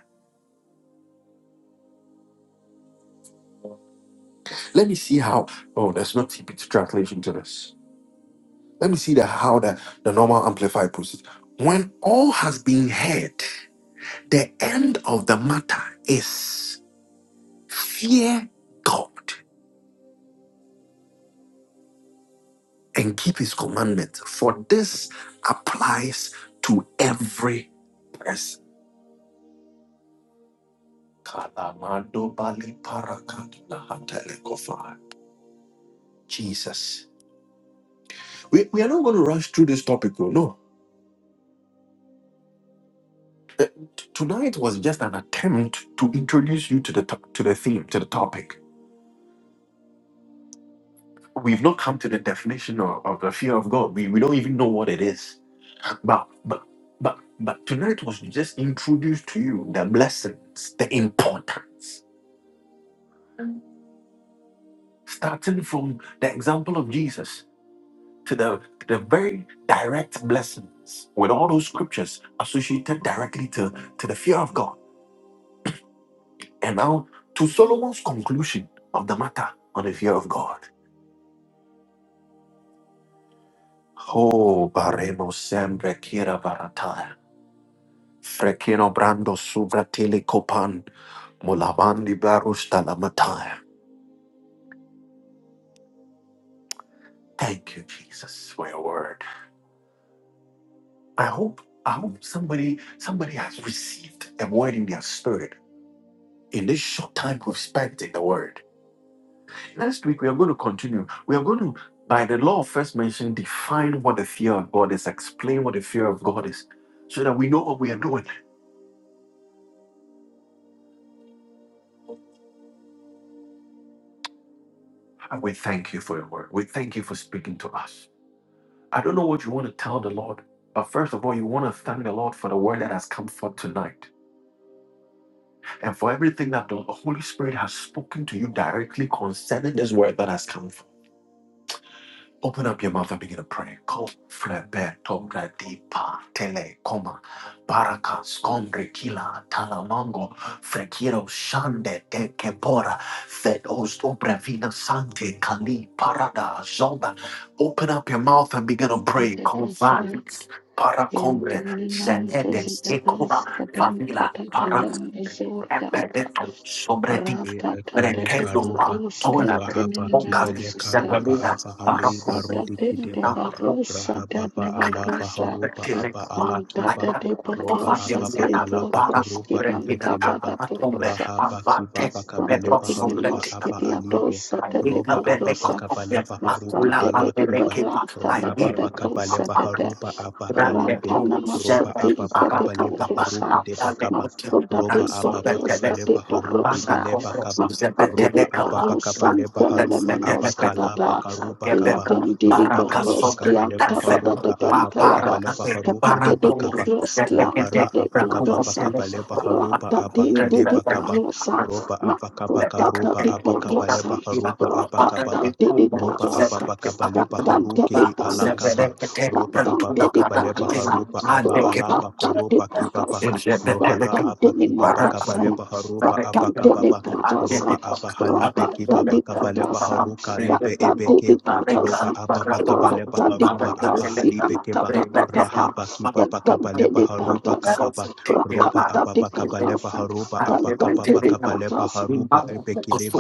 Speaker 1: Let me see how. Oh, there's no TPT translation to this. Let me see the how the, the normal amplified puts it. When all has been heard, the end of the matter is fear God and keep his commandments, for this applies to every person. Kalamado bali parakatu lahatele kofa. Jesus. We, we are not going to rush through this topic, though. No Uh, t- tonight was just an attempt to introduce you to the to- to the theme, to the topic. We've not come to the definition of, of the fear of God. We, we don't even know what it is. But but but but tonight was just introduced to you the blessings, the importance, starting from the example of Jesus to the the very direct blessings with all those scriptures associated directly to, to the fear of God. And now to Solomon's conclusion of the matter on the fear of God. Oh, baremo sembre kira barataya. Frekino brando subratili kopan. Mulavandi barusta lamataya. Thank you, Jesus, for your word. I hope, I hope somebody, somebody has received a word in their spirit in this short time we've spent in the word. Next week we are going to continue. We are going to, by the law of first mention, define what the fear of God is, explain what the fear of God is, so that we know what we are doing. And we thank you for your word. We thank you for speaking to us. I don't know what you want to tell the Lord, but first of all, you want to thank the Lord for the word that has come forth tonight and for everything that the Holy Spirit has spoken to you directly concerning this word that has come forth. Open up your mouth and begin to pray. Ko flebe tobre di pa tele koma baraka skombre kila talamango frekiro shande de kebora fed os obra vina sante kali parada zonda. Open up your mouth and begin to pray. Ko
Speaker 4: Divedosa
Speaker 1: vales para kombre
Speaker 4: Yentelinam
Speaker 1: senede sekuma
Speaker 4: Desidedos Cadem
Speaker 1: favila
Speaker 4: Tata
Speaker 1: para
Speaker 4: Tata
Speaker 1: kombre
Speaker 4: Misorianta
Speaker 1: epedeto sobre ti.
Speaker 2: be
Speaker 4: Rata Tata
Speaker 2: ekele
Speaker 1: Brekendo pa
Speaker 2: karuba
Speaker 4: Devorus
Speaker 1: tola me
Speaker 2: rahaba
Speaker 1: boca mi
Speaker 2: kibele
Speaker 4: Kentininanoscada
Speaker 2: karuba
Speaker 1: sepamina
Speaker 2: apa
Speaker 1: para
Speaker 2: hale
Speaker 4: Masada
Speaker 1: completar
Speaker 2: barudi kideba
Speaker 1: la boca
Speaker 4: Devarosa
Speaker 2: Rahapapa alapa
Speaker 4: Devarosa
Speaker 1: sobre
Speaker 2: horupa
Speaker 1: que le
Speaker 2: apa
Speaker 1: capa
Speaker 2: alakiba
Speaker 4: Antata
Speaker 1: ayano
Speaker 2: roba
Speaker 1: tofa
Speaker 4: Devorosa
Speaker 2: apapa
Speaker 1: teniana
Speaker 2: kalapa
Speaker 1: para
Speaker 2: korupa
Speaker 4: Devoroski
Speaker 1: comprendida
Speaker 4: Antata
Speaker 2: ipekeleba
Speaker 1: tapa tombe
Speaker 4: Devorosa
Speaker 2: rahapa kiba
Speaker 1: ambate
Speaker 4: Mastante
Speaker 1: perro
Speaker 2: pakabaleba
Speaker 1: sobre
Speaker 2: harupa
Speaker 1: ti
Speaker 4: Diminoski
Speaker 2: aba alibe
Speaker 4: Diadosa
Speaker 1: Ayika
Speaker 2: roba
Speaker 1: bere
Speaker 2: apapa
Speaker 4: Devorosa
Speaker 1: kotoke
Speaker 2: kabaleba haruka
Speaker 1: akula
Speaker 4: Mastante
Speaker 1: pa bere
Speaker 2: alakiba
Speaker 1: kipa
Speaker 4: Devaranta
Speaker 2: rahapa
Speaker 1: ayim
Speaker 2: pakabaleba
Speaker 4: Devadosa
Speaker 2: harupa aba
Speaker 1: Thank
Speaker 2: kalibe roba
Speaker 4: Ratanamasodi is
Speaker 2: apapa
Speaker 4: the
Speaker 2: kabaleba
Speaker 4: Deborosa,
Speaker 2: haruku de bakaba
Speaker 4: Mafuda
Speaker 2: roba
Speaker 4: de
Speaker 2: apapa
Speaker 4: Borosca de
Speaker 2: kabaleba harudi
Speaker 4: Borosa,
Speaker 2: ileba kaba
Speaker 4: Mafuda de
Speaker 2: roba apapa
Speaker 4: Borosan
Speaker 2: kabaleba haruba
Speaker 4: Tenemenos
Speaker 2: aba kalaba
Speaker 4: Cadada,
Speaker 2: karuba kaba
Speaker 4: Diabendi de
Speaker 2: roba apapa kapa
Speaker 4: Boroscian
Speaker 2: lepa
Speaker 4: Cadada de
Speaker 2: haruka apapa kapa
Speaker 4: Bentayaba,
Speaker 2: lepa haruki
Speaker 4: Capete de
Speaker 2: depa kapa
Speaker 4: Boroscian
Speaker 2: lohara
Speaker 4: de
Speaker 2: apaka papa
Speaker 4: Borosa,
Speaker 2: kapa lepa harupa
Speaker 4: Ratadin
Speaker 2: apaki
Speaker 4: de
Speaker 2: depa kapa
Speaker 4: Borosa,
Speaker 2: roba
Speaker 1: you.
Speaker 2: apaka paka
Speaker 4: Mafuda
Speaker 2: roba
Speaker 4: di
Speaker 2: apaka kapa
Speaker 4: Borosa,
Speaker 2: lepa harupa apaka
Speaker 4: Ratada
Speaker 2: papa
Speaker 4: di
Speaker 2: roba
Speaker 4: Borosa,
Speaker 2: apapa kapa lepa
Speaker 4: Ratada
Speaker 2: haruki
Speaker 4: di
Speaker 2: di ala
Speaker 4: Borosa.
Speaker 2: kapa roba
Speaker 4: Rapantante
Speaker 2: apapa
Speaker 4: di
Speaker 2: kapa lepa
Speaker 4: Pakasa,
Speaker 2: harupa apa alapa koropa kipapa
Speaker 1: Thank
Speaker 2: lohara apa kipapa kapa lepa harupa apaka papa roba apa halibe kipapa kapa lepa haruka lebe ebeke roba ababa pa kapa lepa haruba apa keba rahaba kibaba pa kapa lepa haruba kapa pa roba apa pa kapa lepa haruba apa kapa haruba epe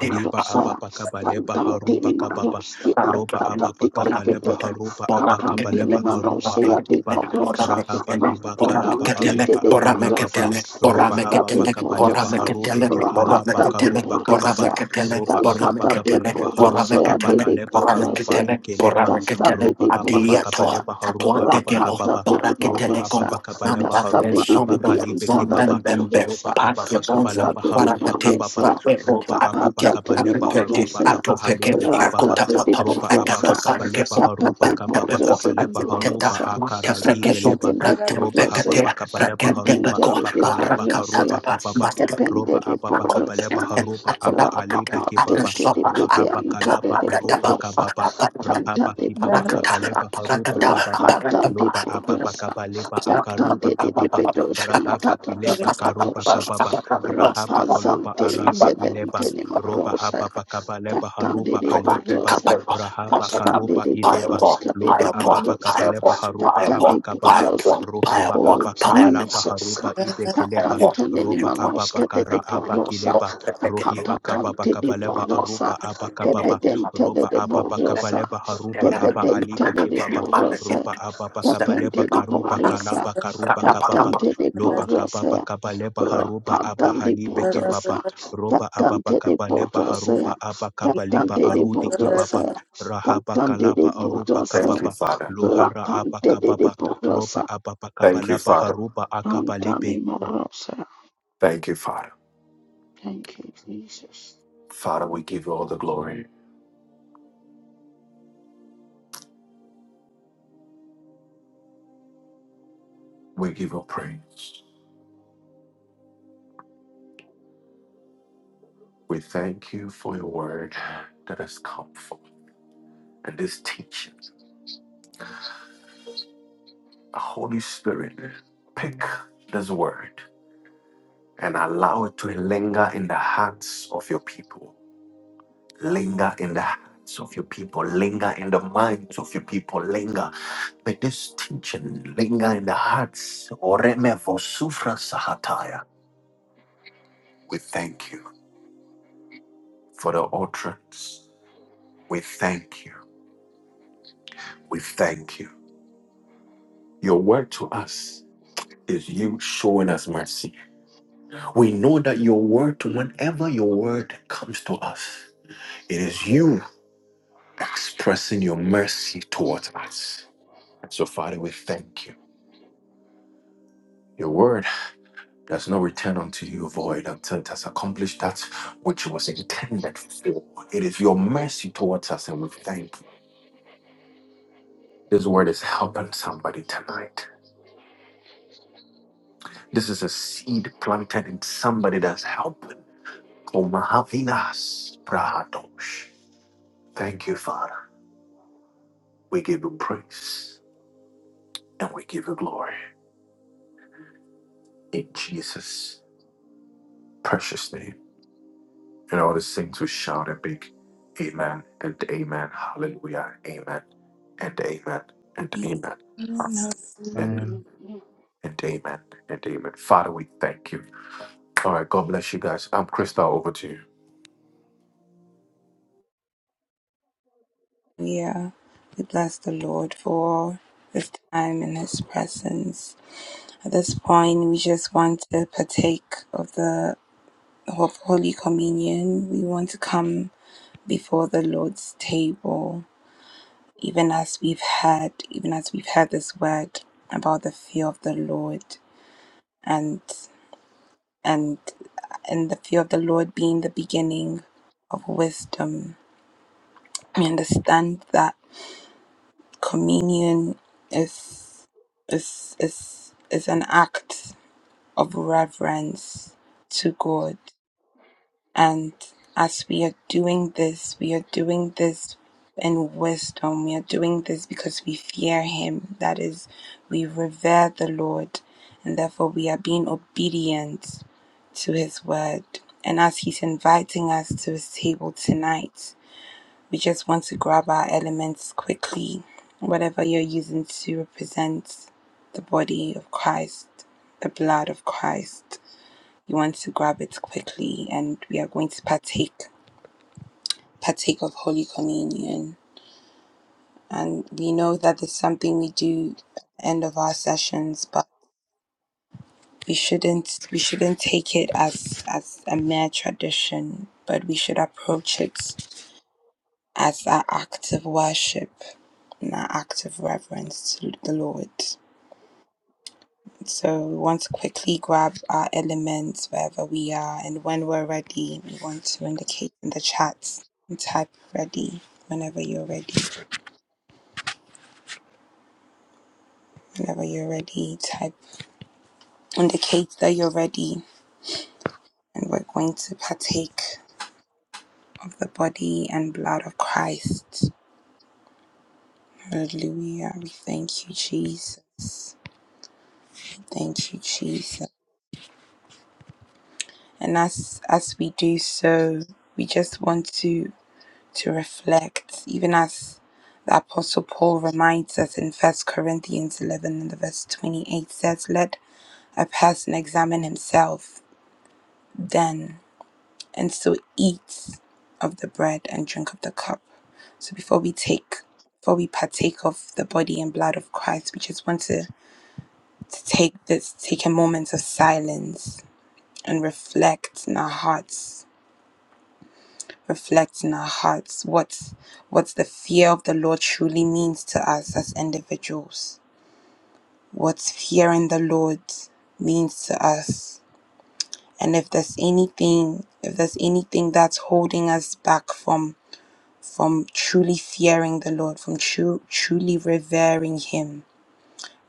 Speaker 2: Liba ababa kabaleba
Speaker 1: you.
Speaker 2: haruba kababa
Speaker 4: Pantantinimaroski
Speaker 2: roba ababa kabaleba
Speaker 4: antatatikipite,
Speaker 2: haruba abakabaleba haruba akiba
Speaker 4: Kapantinimaroseyatitorosa,
Speaker 2: rahaba kiba kalaba aruba abakababa
Speaker 4: Mastodantitititorosa,
Speaker 2: roba hababa kabaleba
Speaker 4: Tastatitorosa,
Speaker 2: haru edi alaba karuba kababa
Speaker 4: Rapatatitorosa,
Speaker 2: roba ababa kabaleba haruba abakaleba
Speaker 4: Tastatatitoroseatititorosa,
Speaker 2: karuba ikeleba roba ababa
Speaker 4: Tastatititorosa,
Speaker 1: Adiato,
Speaker 2: kabaleba haruba
Speaker 1: atuante que lo,
Speaker 2: abakababa
Speaker 1: para que te
Speaker 2: roba
Speaker 1: le
Speaker 4: Rapatatititorosa,
Speaker 2: ababa
Speaker 1: como,
Speaker 2: kabaleba
Speaker 1: manda del
Speaker 2: haruba
Speaker 1: sombro,
Speaker 2: abakalibe
Speaker 1: zomben
Speaker 2: kibaba
Speaker 1: bembe,
Speaker 4: Tastatitipitiantadadiborosa,
Speaker 2: roba
Speaker 1: Pake
Speaker 2: ababa
Speaker 1: bonza
Speaker 4: Rasta
Speaker 2: kabaleba
Speaker 4: de de
Speaker 2: haruba
Speaker 1: parakate
Speaker 2: kababa
Speaker 4: bordosa,
Speaker 1: papepo
Speaker 2: ropa apa pa
Speaker 1: apike
Speaker 4: capata de
Speaker 2: kapa
Speaker 4: de
Speaker 2: lepa
Speaker 1: apepeke
Speaker 2: harupa
Speaker 4: bordosa,
Speaker 2: apa
Speaker 1: atopeke
Speaker 2: halepe
Speaker 4: rata
Speaker 2: kepapa
Speaker 1: akota
Speaker 4: de de
Speaker 1: papa
Speaker 2: ropa apa
Speaker 4: bordosa,
Speaker 1: akato
Speaker 2: pa kapa lepa
Speaker 1: parakepo
Speaker 4: capa
Speaker 2: harupa
Speaker 4: de
Speaker 2: kapa pa
Speaker 1: apatepepo
Speaker 4: bordosa
Speaker 2: kapa
Speaker 4: de
Speaker 2: lepa
Speaker 1: ateteta
Speaker 2: harupa
Speaker 4: bordosa,
Speaker 2: akara dipe
Speaker 1: matefrekeso
Speaker 4: capete
Speaker 2: lepa
Speaker 4: de de
Speaker 2: ropa apa
Speaker 1: pratempekate
Speaker 4: bordosa,
Speaker 2: pa kapa lepa
Speaker 4: capente
Speaker 2: harupa
Speaker 1: pratendepeko
Speaker 4: de
Speaker 2: apa
Speaker 4: de
Speaker 2: kalapa
Speaker 4: bordosa,
Speaker 2: karupa
Speaker 1: parakatapa
Speaker 2: kapapa
Speaker 1: maske
Speaker 4: capente
Speaker 2: ropa
Speaker 4: de
Speaker 2: apa pa kapa
Speaker 4: bordosa,
Speaker 2: lepa
Speaker 1: akompeteke
Speaker 2: harupa apa
Speaker 1: atodapakate
Speaker 2: alepe
Speaker 4: rapapa de
Speaker 2: kepapa
Speaker 4: de de
Speaker 1: atesopa
Speaker 4: pede
Speaker 2: rahapa
Speaker 1: atata
Speaker 4: anta de
Speaker 2: kalapa
Speaker 4: de
Speaker 2: oropa
Speaker 1: abradapa
Speaker 4: bordosa,
Speaker 2: kapapa
Speaker 1: aparakata
Speaker 4: canta
Speaker 2: rahapa
Speaker 4: de
Speaker 2: kipapa
Speaker 1: aparakata
Speaker 2: kapa
Speaker 4: bordosa,
Speaker 2: lepa harupa
Speaker 1: aparakata
Speaker 2: kapapa
Speaker 4: rapanta
Speaker 1: aparakata
Speaker 4: de
Speaker 2: lopa apa pa
Speaker 4: bordosa,
Speaker 2: kapa lepa
Speaker 1: Toma,
Speaker 4: cantante
Speaker 2: akarupa
Speaker 4: de de
Speaker 2: kapapa
Speaker 4: pedos,
Speaker 2: rahapa
Speaker 4: cantata
Speaker 2: kilepa karupa
Speaker 4: patosa.
Speaker 2: kapapa Rahaba Koloba
Speaker 4: Rapazante
Speaker 2: Araba Ileba
Speaker 4: jedente ni
Speaker 2: Roba
Speaker 4: makrosa,
Speaker 2: Ababa Kabaleba
Speaker 4: katande
Speaker 2: Haruba
Speaker 4: ni
Speaker 2: Alikiba
Speaker 4: bordosa,
Speaker 1: capella,
Speaker 2: Rahaba
Speaker 1: okay, come,
Speaker 4: katande
Speaker 2: Karuba
Speaker 4: ni
Speaker 1: pile
Speaker 2: Ideba
Speaker 4: bordos,
Speaker 1: for,
Speaker 4: katande ni
Speaker 2: Loba
Speaker 1: pile for,
Speaker 2: Ababa
Speaker 4: bordosa,
Speaker 1: pile
Speaker 2: Kabaleba
Speaker 1: for,
Speaker 2: Haruba
Speaker 1: pile for,
Speaker 4: katande
Speaker 2: Abakababa
Speaker 1: pile
Speaker 4: bordosa.
Speaker 1: for, pile
Speaker 2: Ruhaba
Speaker 1: for,
Speaker 4: Oh
Speaker 1: pile
Speaker 2: Abakabalaba
Speaker 4: Jesus,
Speaker 2: Haruba Ibekeleba
Speaker 1: for,
Speaker 4: katante ni
Speaker 2: Roba
Speaker 4: manos,
Speaker 2: Ababa
Speaker 4: katande ni
Speaker 2: Kara
Speaker 4: bordosa,
Speaker 2: Abakileba Rohiba Kababa
Speaker 4: kapatatante ni
Speaker 2: Kabaleba
Speaker 4: bordosa,
Speaker 2: Aruba Abakababa
Speaker 4: kebedente
Speaker 2: Roba
Speaker 4: ni
Speaker 2: Ababa
Speaker 4: bordosa,
Speaker 2: Kabaleba Haruba Aba
Speaker 4: kebedente ni
Speaker 2: Alibekebaba
Speaker 4: bordosa,
Speaker 2: Roba Ababa Kabaleba
Speaker 4: kapente ni
Speaker 1: pile
Speaker 2: Karuba
Speaker 4: bordosa,
Speaker 2: Kalaba
Speaker 1: for,
Speaker 2: Karuba
Speaker 1: pile
Speaker 2: Kababa
Speaker 1: for,
Speaker 4: katante ni
Speaker 2: Lopa kapa
Speaker 4: bordosa.
Speaker 2: pa kapa lepa harupa apa
Speaker 4: Pantan de
Speaker 2: halipe ke
Speaker 4: Bordosa,
Speaker 2: papa. Ropa apa pa
Speaker 4: Tacante de
Speaker 2: kapa lepa
Speaker 4: Bordosa,
Speaker 2: harupa apa kapa lipa
Speaker 4: Tacante de
Speaker 2: arudi ki papa.
Speaker 4: Bordosa,
Speaker 2: Rahapa
Speaker 4: Tacante de
Speaker 2: kalapa arupa
Speaker 4: Bordosa,
Speaker 1: Thank you,
Speaker 2: kapapa.
Speaker 1: Father.
Speaker 2: Luhara apa
Speaker 4: Rapante de
Speaker 2: kapapa.
Speaker 4: Bordosa,
Speaker 2: Ropa apa pa kapa
Speaker 1: Thank you,
Speaker 2: lapa
Speaker 1: Father.
Speaker 2: harupa akapa
Speaker 4: Antani
Speaker 2: lipe.
Speaker 4: Morosa.
Speaker 1: Thank you, Father.
Speaker 4: Thank you, Jesus.
Speaker 1: Father, we give you all the glory. We give you praise. We thank you for your word that has come forth and this teaching. Holy Spirit, pick this word and allow it to linger in the hearts of your people. Linger in the hearts of your people. Linger in the minds of your people. Linger. May this teaching linger in the hearts. Oreme vosufra sahataya. We thank you. for the utterance. We thank you. We thank you. Your word to us is you showing us mercy. We know that your word, whenever your word comes to us, it is you expressing your mercy towards us. So, Father, we thank you. Your word does not return unto you void until it has accomplished that which it was intended for. It is your mercy towards us, and we thank you. This word is helping somebody tonight. This is a seed planted in somebody that's helping. Komahavinas Prahadosh. Thank you, Father. We give you praise and we give you glory in Jesus' precious name. And all the saints who shout a big Amen and Amen. Hallelujah. Amen and Amen and Amen. Hallelujah And
Speaker 2: Man.
Speaker 1: and Amen and Amen. Father, we thank you. All right, God bless you guys. I'm Crystal. Over to you.
Speaker 3: We bless the Lord for this time in His presence. At this point, we just want to partake of the of Holy Communion, we want to come before the Lord's table, even as we've had, even as we've had this word about the fear of the Lord and and and the fear of the Lord being the beginning of wisdom. We understand that communion is is is is an act of reverence to God. And as we are doing this, we are doing this in wisdom. We are doing this because we fear Him. That is, we revere the Lord. And therefore, we are being obedient to His word. And as He's inviting us to His table tonight, we just want to grab our elements quickly, whatever you're using to represent the body of Christ, the blood of Christ. You want to grab it quickly, and we are going to partake partake of Holy Communion. And we know that it's something we do at the end of our sessions, but we shouldn't we shouldn't take it as as a mere tradition, but we should approach it as our act of worship and our act of reverence to the Lord. So we want to quickly grab our elements wherever we are, and when we're ready, we want to indicate in the chat and type ready whenever you're ready. Whenever you're ready, type indicate that you're ready, and we're going to partake of the body and blood of Christ. Hallelujah. We thank you, Jesus. Thank you, Jesus. And as as we do so, we just want to to reflect, even as the Apostle Paul reminds us in First Corinthians 11 and the verse 28 says, Let a person examine himself then, and so eat of the bread and drink of the cup. So before we take, before we partake of the body and blood of Christ, we just want to, to take this, take a moment of silence and reflect in our hearts reflect in our hearts what what the fear of the Lord truly means to us as individuals, what fearing the Lord means to us, and if there's anything if there's anything that's holding us back from from truly fearing the Lord, from true, truly revering Him.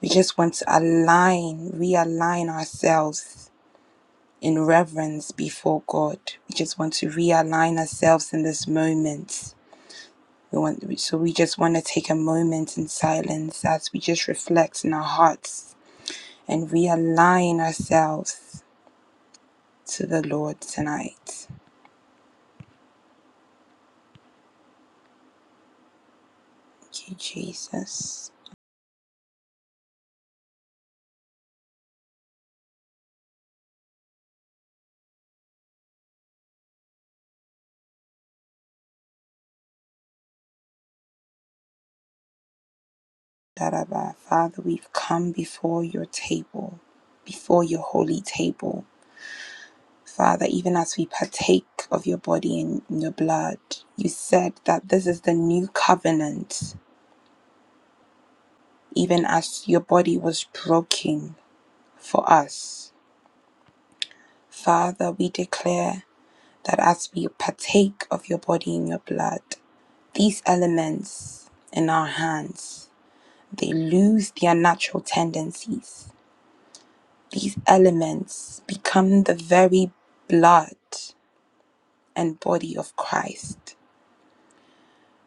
Speaker 3: We just want to align, realign ourselves in reverence before God. We just want to realign ourselves in this moment We want, so we just want to take a moment in silence as we just reflect in our hearts and realign ourselves to the Lord tonight. Thank you, Jesus. Daraba. Father, we've come before your table, before your holy table. Father, even as we partake of your body and your blood, you said that this is the new covenant, even as your body was broken for us. Father, we declare that as we partake of your body and your blood, these elements in our hands, they lose their natural tendencies. These elements become the very blood and body of Christ.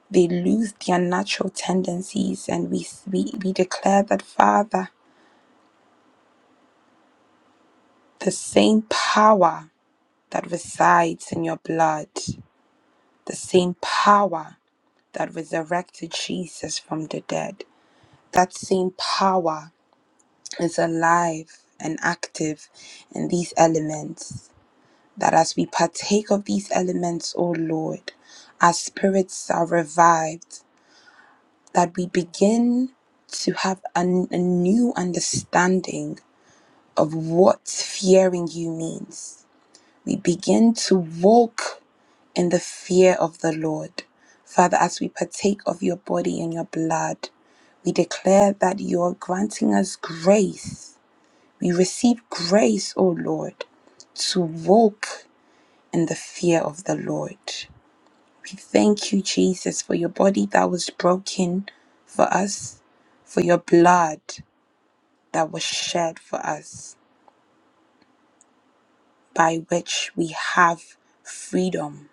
Speaker 3: They lose their natural tendencies, and we, we, we declare that, Father, the same power that resides in your blood, the same power that resurrected Jesus from the dead that same power is alive and active in these elements. That as we partake of these elements, O Lord, our spirits are revived, that we begin to have an, a new understanding of what fearing you means. We begin to walk in the fear of the Lord. Father, as we partake of your body and your blood, we declare that you are granting us grace We receive grace, O Lord, to walk in the fear of the Lord. We thank you, Jesus, for your body that was broken for us, for your blood that was shed for us, by which we have freedom.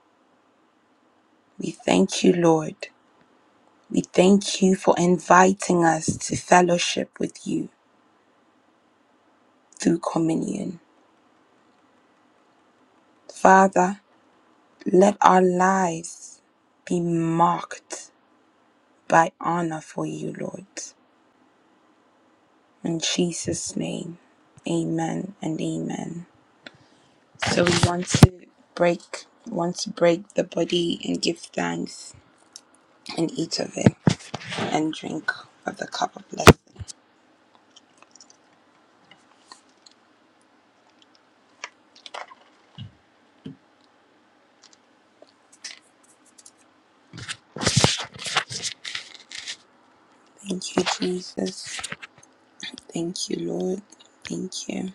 Speaker 3: We thank you, Lord. We thank you for inviting us to fellowship with you through communion. Father, let our lives be marked by honor for you, Lord. In Jesus' name, amen and amen. So we want to break, want to break the body and give thanks and eat of it and drink of the cup of blessing. Thank you, Jesus. Thank you, Lord. Thank you.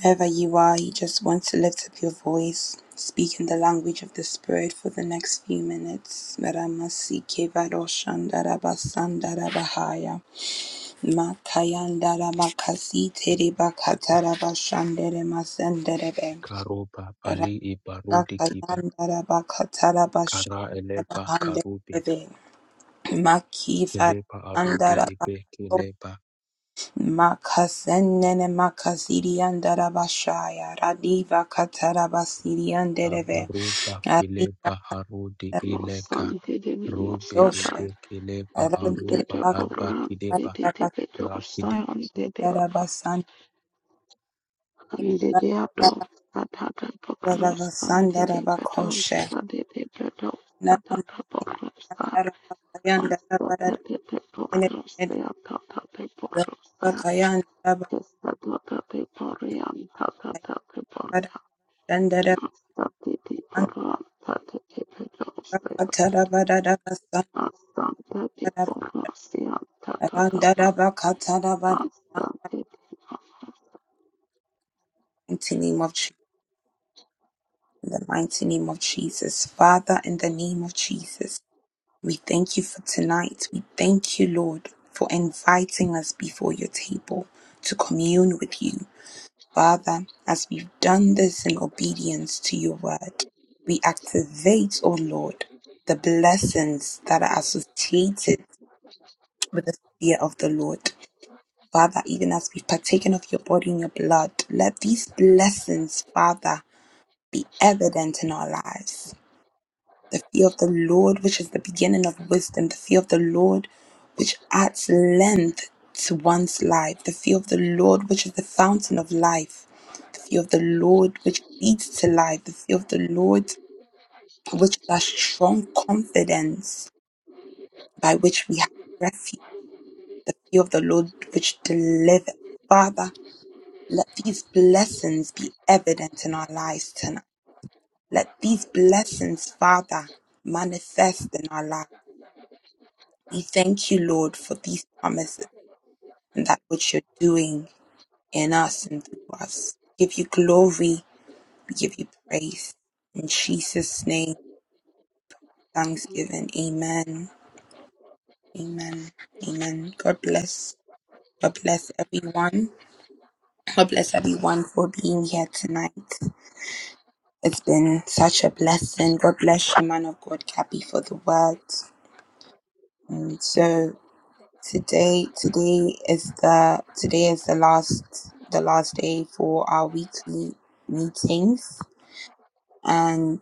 Speaker 3: Wherever you are, you just want to lift up your voice. Speak in the language of the Spirit for the next few minutes. Makayandara makasi tere bakatara bashandere masenderebe.
Speaker 2: Karopa pali iparudi kipa.
Speaker 3: Rakakayandara bakatara
Speaker 2: Kara
Speaker 3: bashandere
Speaker 2: elepa karubi.
Speaker 3: bahanderebe. Makifara
Speaker 2: Kilepa arudi
Speaker 3: andara
Speaker 2: ipe
Speaker 3: bakato.
Speaker 2: kilepa.
Speaker 3: Makasenene makasiri andara bashaya. Radiva katara basiri anderebe.
Speaker 2: Abarupa
Speaker 3: Radiva
Speaker 2: kilepa harudi ileka.
Speaker 4: Losani de de
Speaker 2: Robe
Speaker 4: Minoscata,
Speaker 3: doshe.
Speaker 2: ebrekeleba
Speaker 3: Radere
Speaker 2: aruba
Speaker 4: de
Speaker 3: bakatara
Speaker 4: Boran, de
Speaker 2: abakideba
Speaker 3: bakatara
Speaker 4: Bedosai,
Speaker 2: rakide.
Speaker 4: on the Deborah.
Speaker 3: basandara
Speaker 4: Sandede Adolf Sadaka
Speaker 3: bakatara
Speaker 4: Bokros
Speaker 3: basandara
Speaker 4: Sandede Badov
Speaker 3: bakoshe.
Speaker 4: Sadede Badov
Speaker 3: Mighty name of
Speaker 4: Sadaka
Speaker 3: Jesus,
Speaker 4: Bokrosa
Speaker 3: in
Speaker 4: Sadede Bokros Yatata de Bokrosa Kisadata de Borian Tatata de Boria Sadede Boran Sadede Badov Sadata Sadede Bokros Yatata Sadede
Speaker 3: the mighty name of Jesus, Father, in the name of Jesus, we thank you for tonight. We thank you, Lord, for inviting us before your table to commune with you. Father, as we've done this in obedience to your word, we activate, O Lord, the blessings that are associated with the fear of the Lord. Father, even as we've partaken of your body and your blood, let these blessings, Father, be evident in our lives the fear of the Lord, which is the beginning of wisdom, the fear of the Lord, which adds length to one's life, the fear of the Lord, which is the fountain of life, the fear of the Lord, which leads to life, the fear of the Lord, which is a strong confidence by which we have refuge, the fear of the Lord, which delivers. Father, let these blessings be evident in our lives tonight. Let these blessings, Father, manifest in our lives. We thank you, Lord, for these promises and that which you're doing in us and through us. We give you glory. We give you praise. In Jesus' name, thanksgiving. Amen. Amen. Amen. God bless. God bless everyone. God bless everyone for being here tonight. It's been such a blessing. God bless you, man of God, Cappy, for the words. And so. Today, today is the today is the last the last day for our weekly meetings, and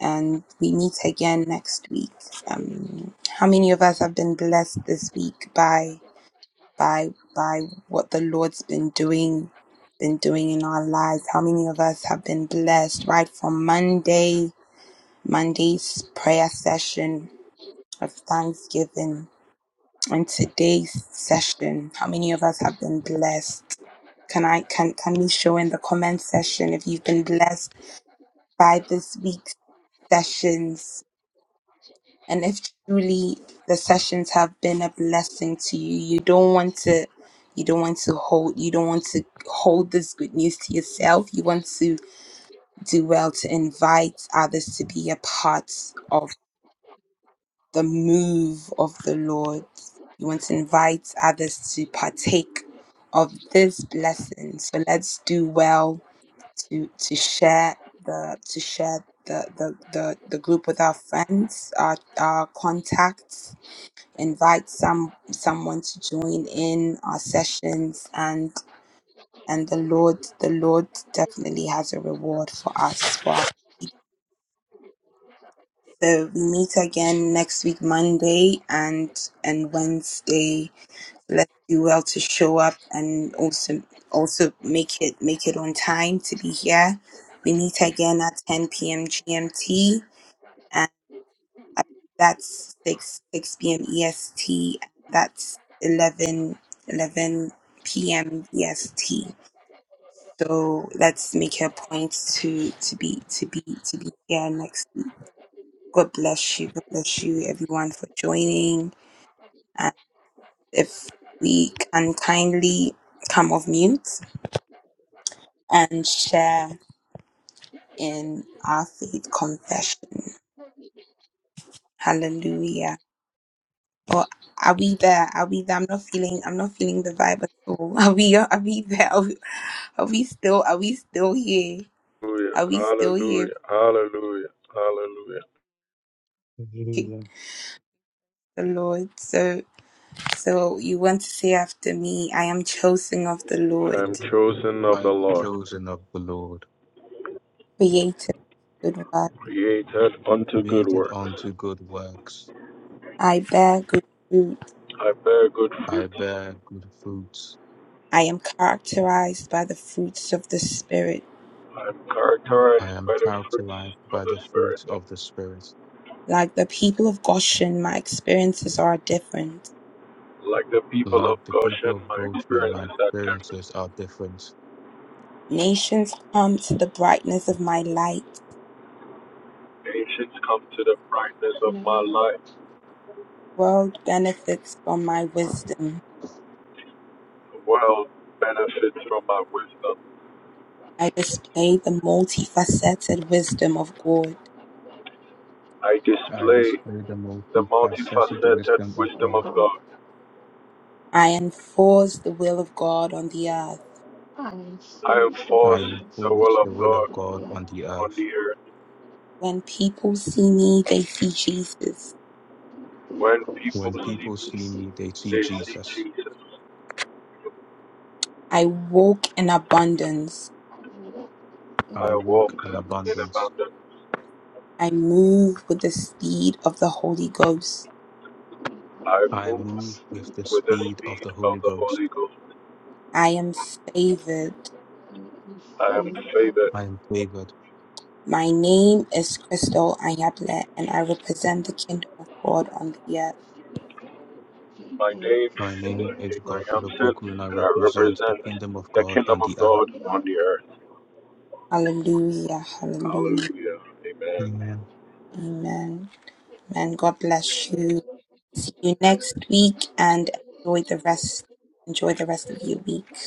Speaker 3: and we meet again next week. Um, how many of us have been blessed this week by by by what the Lord's been doing been doing in our lives? How many of us have been blessed right from Monday Monday's prayer session of Thanksgiving? in today's session how many of us have been blessed can i can can we show in the comment section if you've been blessed by this week's sessions and if truly the sessions have been a blessing to you you don't want to you don't want to hold you don't want to hold this good news to yourself you want to do well to invite others to be a part of the move of the Lord. You want to invite others to partake of this blessing. So let's do well to to share the to share the the the, the group with our friends, our our contacts. Invite some someone to join in our sessions and and the Lord the Lord definitely has a reward for us for our so we meet again next week monday and and wednesday Let's do well to show up and also also make it make it on time to be here. We meet again at 10 p.m. GMT, and I- that's 6 6 p.m. EST. That's eleven eleven 11 p.m. EST. So let's make it a point to to be to be to be here next week. God bless you. God bless you, everyone, for joining. And if we can kindly come off mute and share in our faith confession. Hallelujah. Or are we there? Are we there? I'm not feeling I'm not feeling the vibe at all. Are we are we there? Are we, are we still are we still here?
Speaker 1: Hallelujah,
Speaker 3: Are we still here?
Speaker 1: hallelujah, hallelujah, hallelujah.
Speaker 3: Thank
Speaker 2: Hallelujah.
Speaker 3: The Lord. So so you want to say after me, I am chosen of the
Speaker 1: I
Speaker 3: Lord,
Speaker 1: am chosen of
Speaker 2: I
Speaker 1: the
Speaker 2: am
Speaker 1: Lord,
Speaker 2: chosen of the Lord,
Speaker 3: created good work.
Speaker 1: created unto good
Speaker 2: created
Speaker 1: works.
Speaker 2: unto good works.
Speaker 3: I bear good fruit.
Speaker 1: I bear good
Speaker 2: I
Speaker 1: fruits.
Speaker 2: bear good fruits.
Speaker 3: I am characterized by the fruits of the spirit.
Speaker 1: I am
Speaker 2: I
Speaker 1: characterized
Speaker 2: am
Speaker 1: by the fruits
Speaker 2: characterized
Speaker 1: of
Speaker 2: by
Speaker 1: the
Speaker 2: the fruits
Speaker 1: Spirit.
Speaker 2: of the Spirit.
Speaker 3: Like the people of Goshen, my experiences are different.
Speaker 1: Like the people
Speaker 2: Like
Speaker 1: of
Speaker 2: the
Speaker 1: Goshen,
Speaker 2: people of
Speaker 1: my
Speaker 2: Goshen, my
Speaker 1: experiences are different.
Speaker 2: experiences are different.
Speaker 3: Nations come to the brightness of my light.
Speaker 1: Nations come to the brightness of my
Speaker 4: Bokros
Speaker 1: light.
Speaker 3: The world benefits from my wisdom.
Speaker 1: The world benefits from my wisdom.
Speaker 3: I display the multifaceted wisdom of God.
Speaker 1: I
Speaker 2: I
Speaker 1: display
Speaker 2: display the
Speaker 1: the
Speaker 2: multifaceted
Speaker 1: multifaceted
Speaker 2: wisdom of
Speaker 1: wisdom
Speaker 2: God.
Speaker 1: of God.
Speaker 3: I enforce the will of God on the earth.
Speaker 4: I'm so
Speaker 1: I
Speaker 2: I
Speaker 1: enforce
Speaker 4: sorry, I'm so
Speaker 1: the
Speaker 2: enforce
Speaker 1: will of
Speaker 2: the
Speaker 4: bad.
Speaker 2: will of
Speaker 1: God
Speaker 2: God on the
Speaker 1: on
Speaker 2: earth.
Speaker 1: the earth.
Speaker 3: When people see me, they see Jesus.
Speaker 4: Be
Speaker 1: When people
Speaker 2: When
Speaker 1: see
Speaker 4: Christian,
Speaker 2: people
Speaker 1: me,
Speaker 2: see
Speaker 4: Christian
Speaker 2: me, they see
Speaker 1: they
Speaker 4: Jesus.
Speaker 1: see
Speaker 2: Jesus.
Speaker 1: Jesus.
Speaker 3: I walk in abundance.
Speaker 4: I love
Speaker 1: I
Speaker 2: I
Speaker 4: in
Speaker 2: walk
Speaker 1: walk
Speaker 2: in
Speaker 1: in
Speaker 4: goodness.
Speaker 2: abundance.
Speaker 1: abundance.
Speaker 3: I move with the speed of the Holy Ghost.
Speaker 4: I love
Speaker 1: I
Speaker 2: I
Speaker 1: move
Speaker 4: the
Speaker 2: move with
Speaker 4: Spirit
Speaker 2: the
Speaker 4: of
Speaker 1: with the
Speaker 2: speed
Speaker 4: God.
Speaker 2: of
Speaker 1: speed
Speaker 2: the Holy
Speaker 1: of the Holy
Speaker 2: Ghost.
Speaker 1: Ghost.
Speaker 3: I am favored.
Speaker 4: I am
Speaker 1: I am
Speaker 4: faith, I am
Speaker 1: favored.
Speaker 2: I am favored.
Speaker 3: My name is Crystal Ayable, and I represent the kingdom of God on the earth.
Speaker 4: faith,
Speaker 1: My
Speaker 4: I am
Speaker 1: name
Speaker 4: a
Speaker 2: My name
Speaker 1: is
Speaker 4: Sarah
Speaker 2: is
Speaker 4: of
Speaker 1: Gabriel
Speaker 2: Godfrey
Speaker 4: faith,
Speaker 1: Hampson,
Speaker 2: Opoku,
Speaker 4: and
Speaker 2: and I
Speaker 1: and I
Speaker 2: represent the
Speaker 1: represent
Speaker 2: kingdom of
Speaker 1: the
Speaker 2: God
Speaker 1: kingdom
Speaker 2: on
Speaker 1: of
Speaker 2: the
Speaker 4: I
Speaker 2: earth.
Speaker 1: God
Speaker 4: am faith.
Speaker 1: on the earth.
Speaker 3: Hallelujah, hallelujah,
Speaker 1: Hallelujah. Amen.
Speaker 2: Amen.
Speaker 3: amen. Man, God bless you. See you next week and enjoy the rest. Enjoy the rest of your week.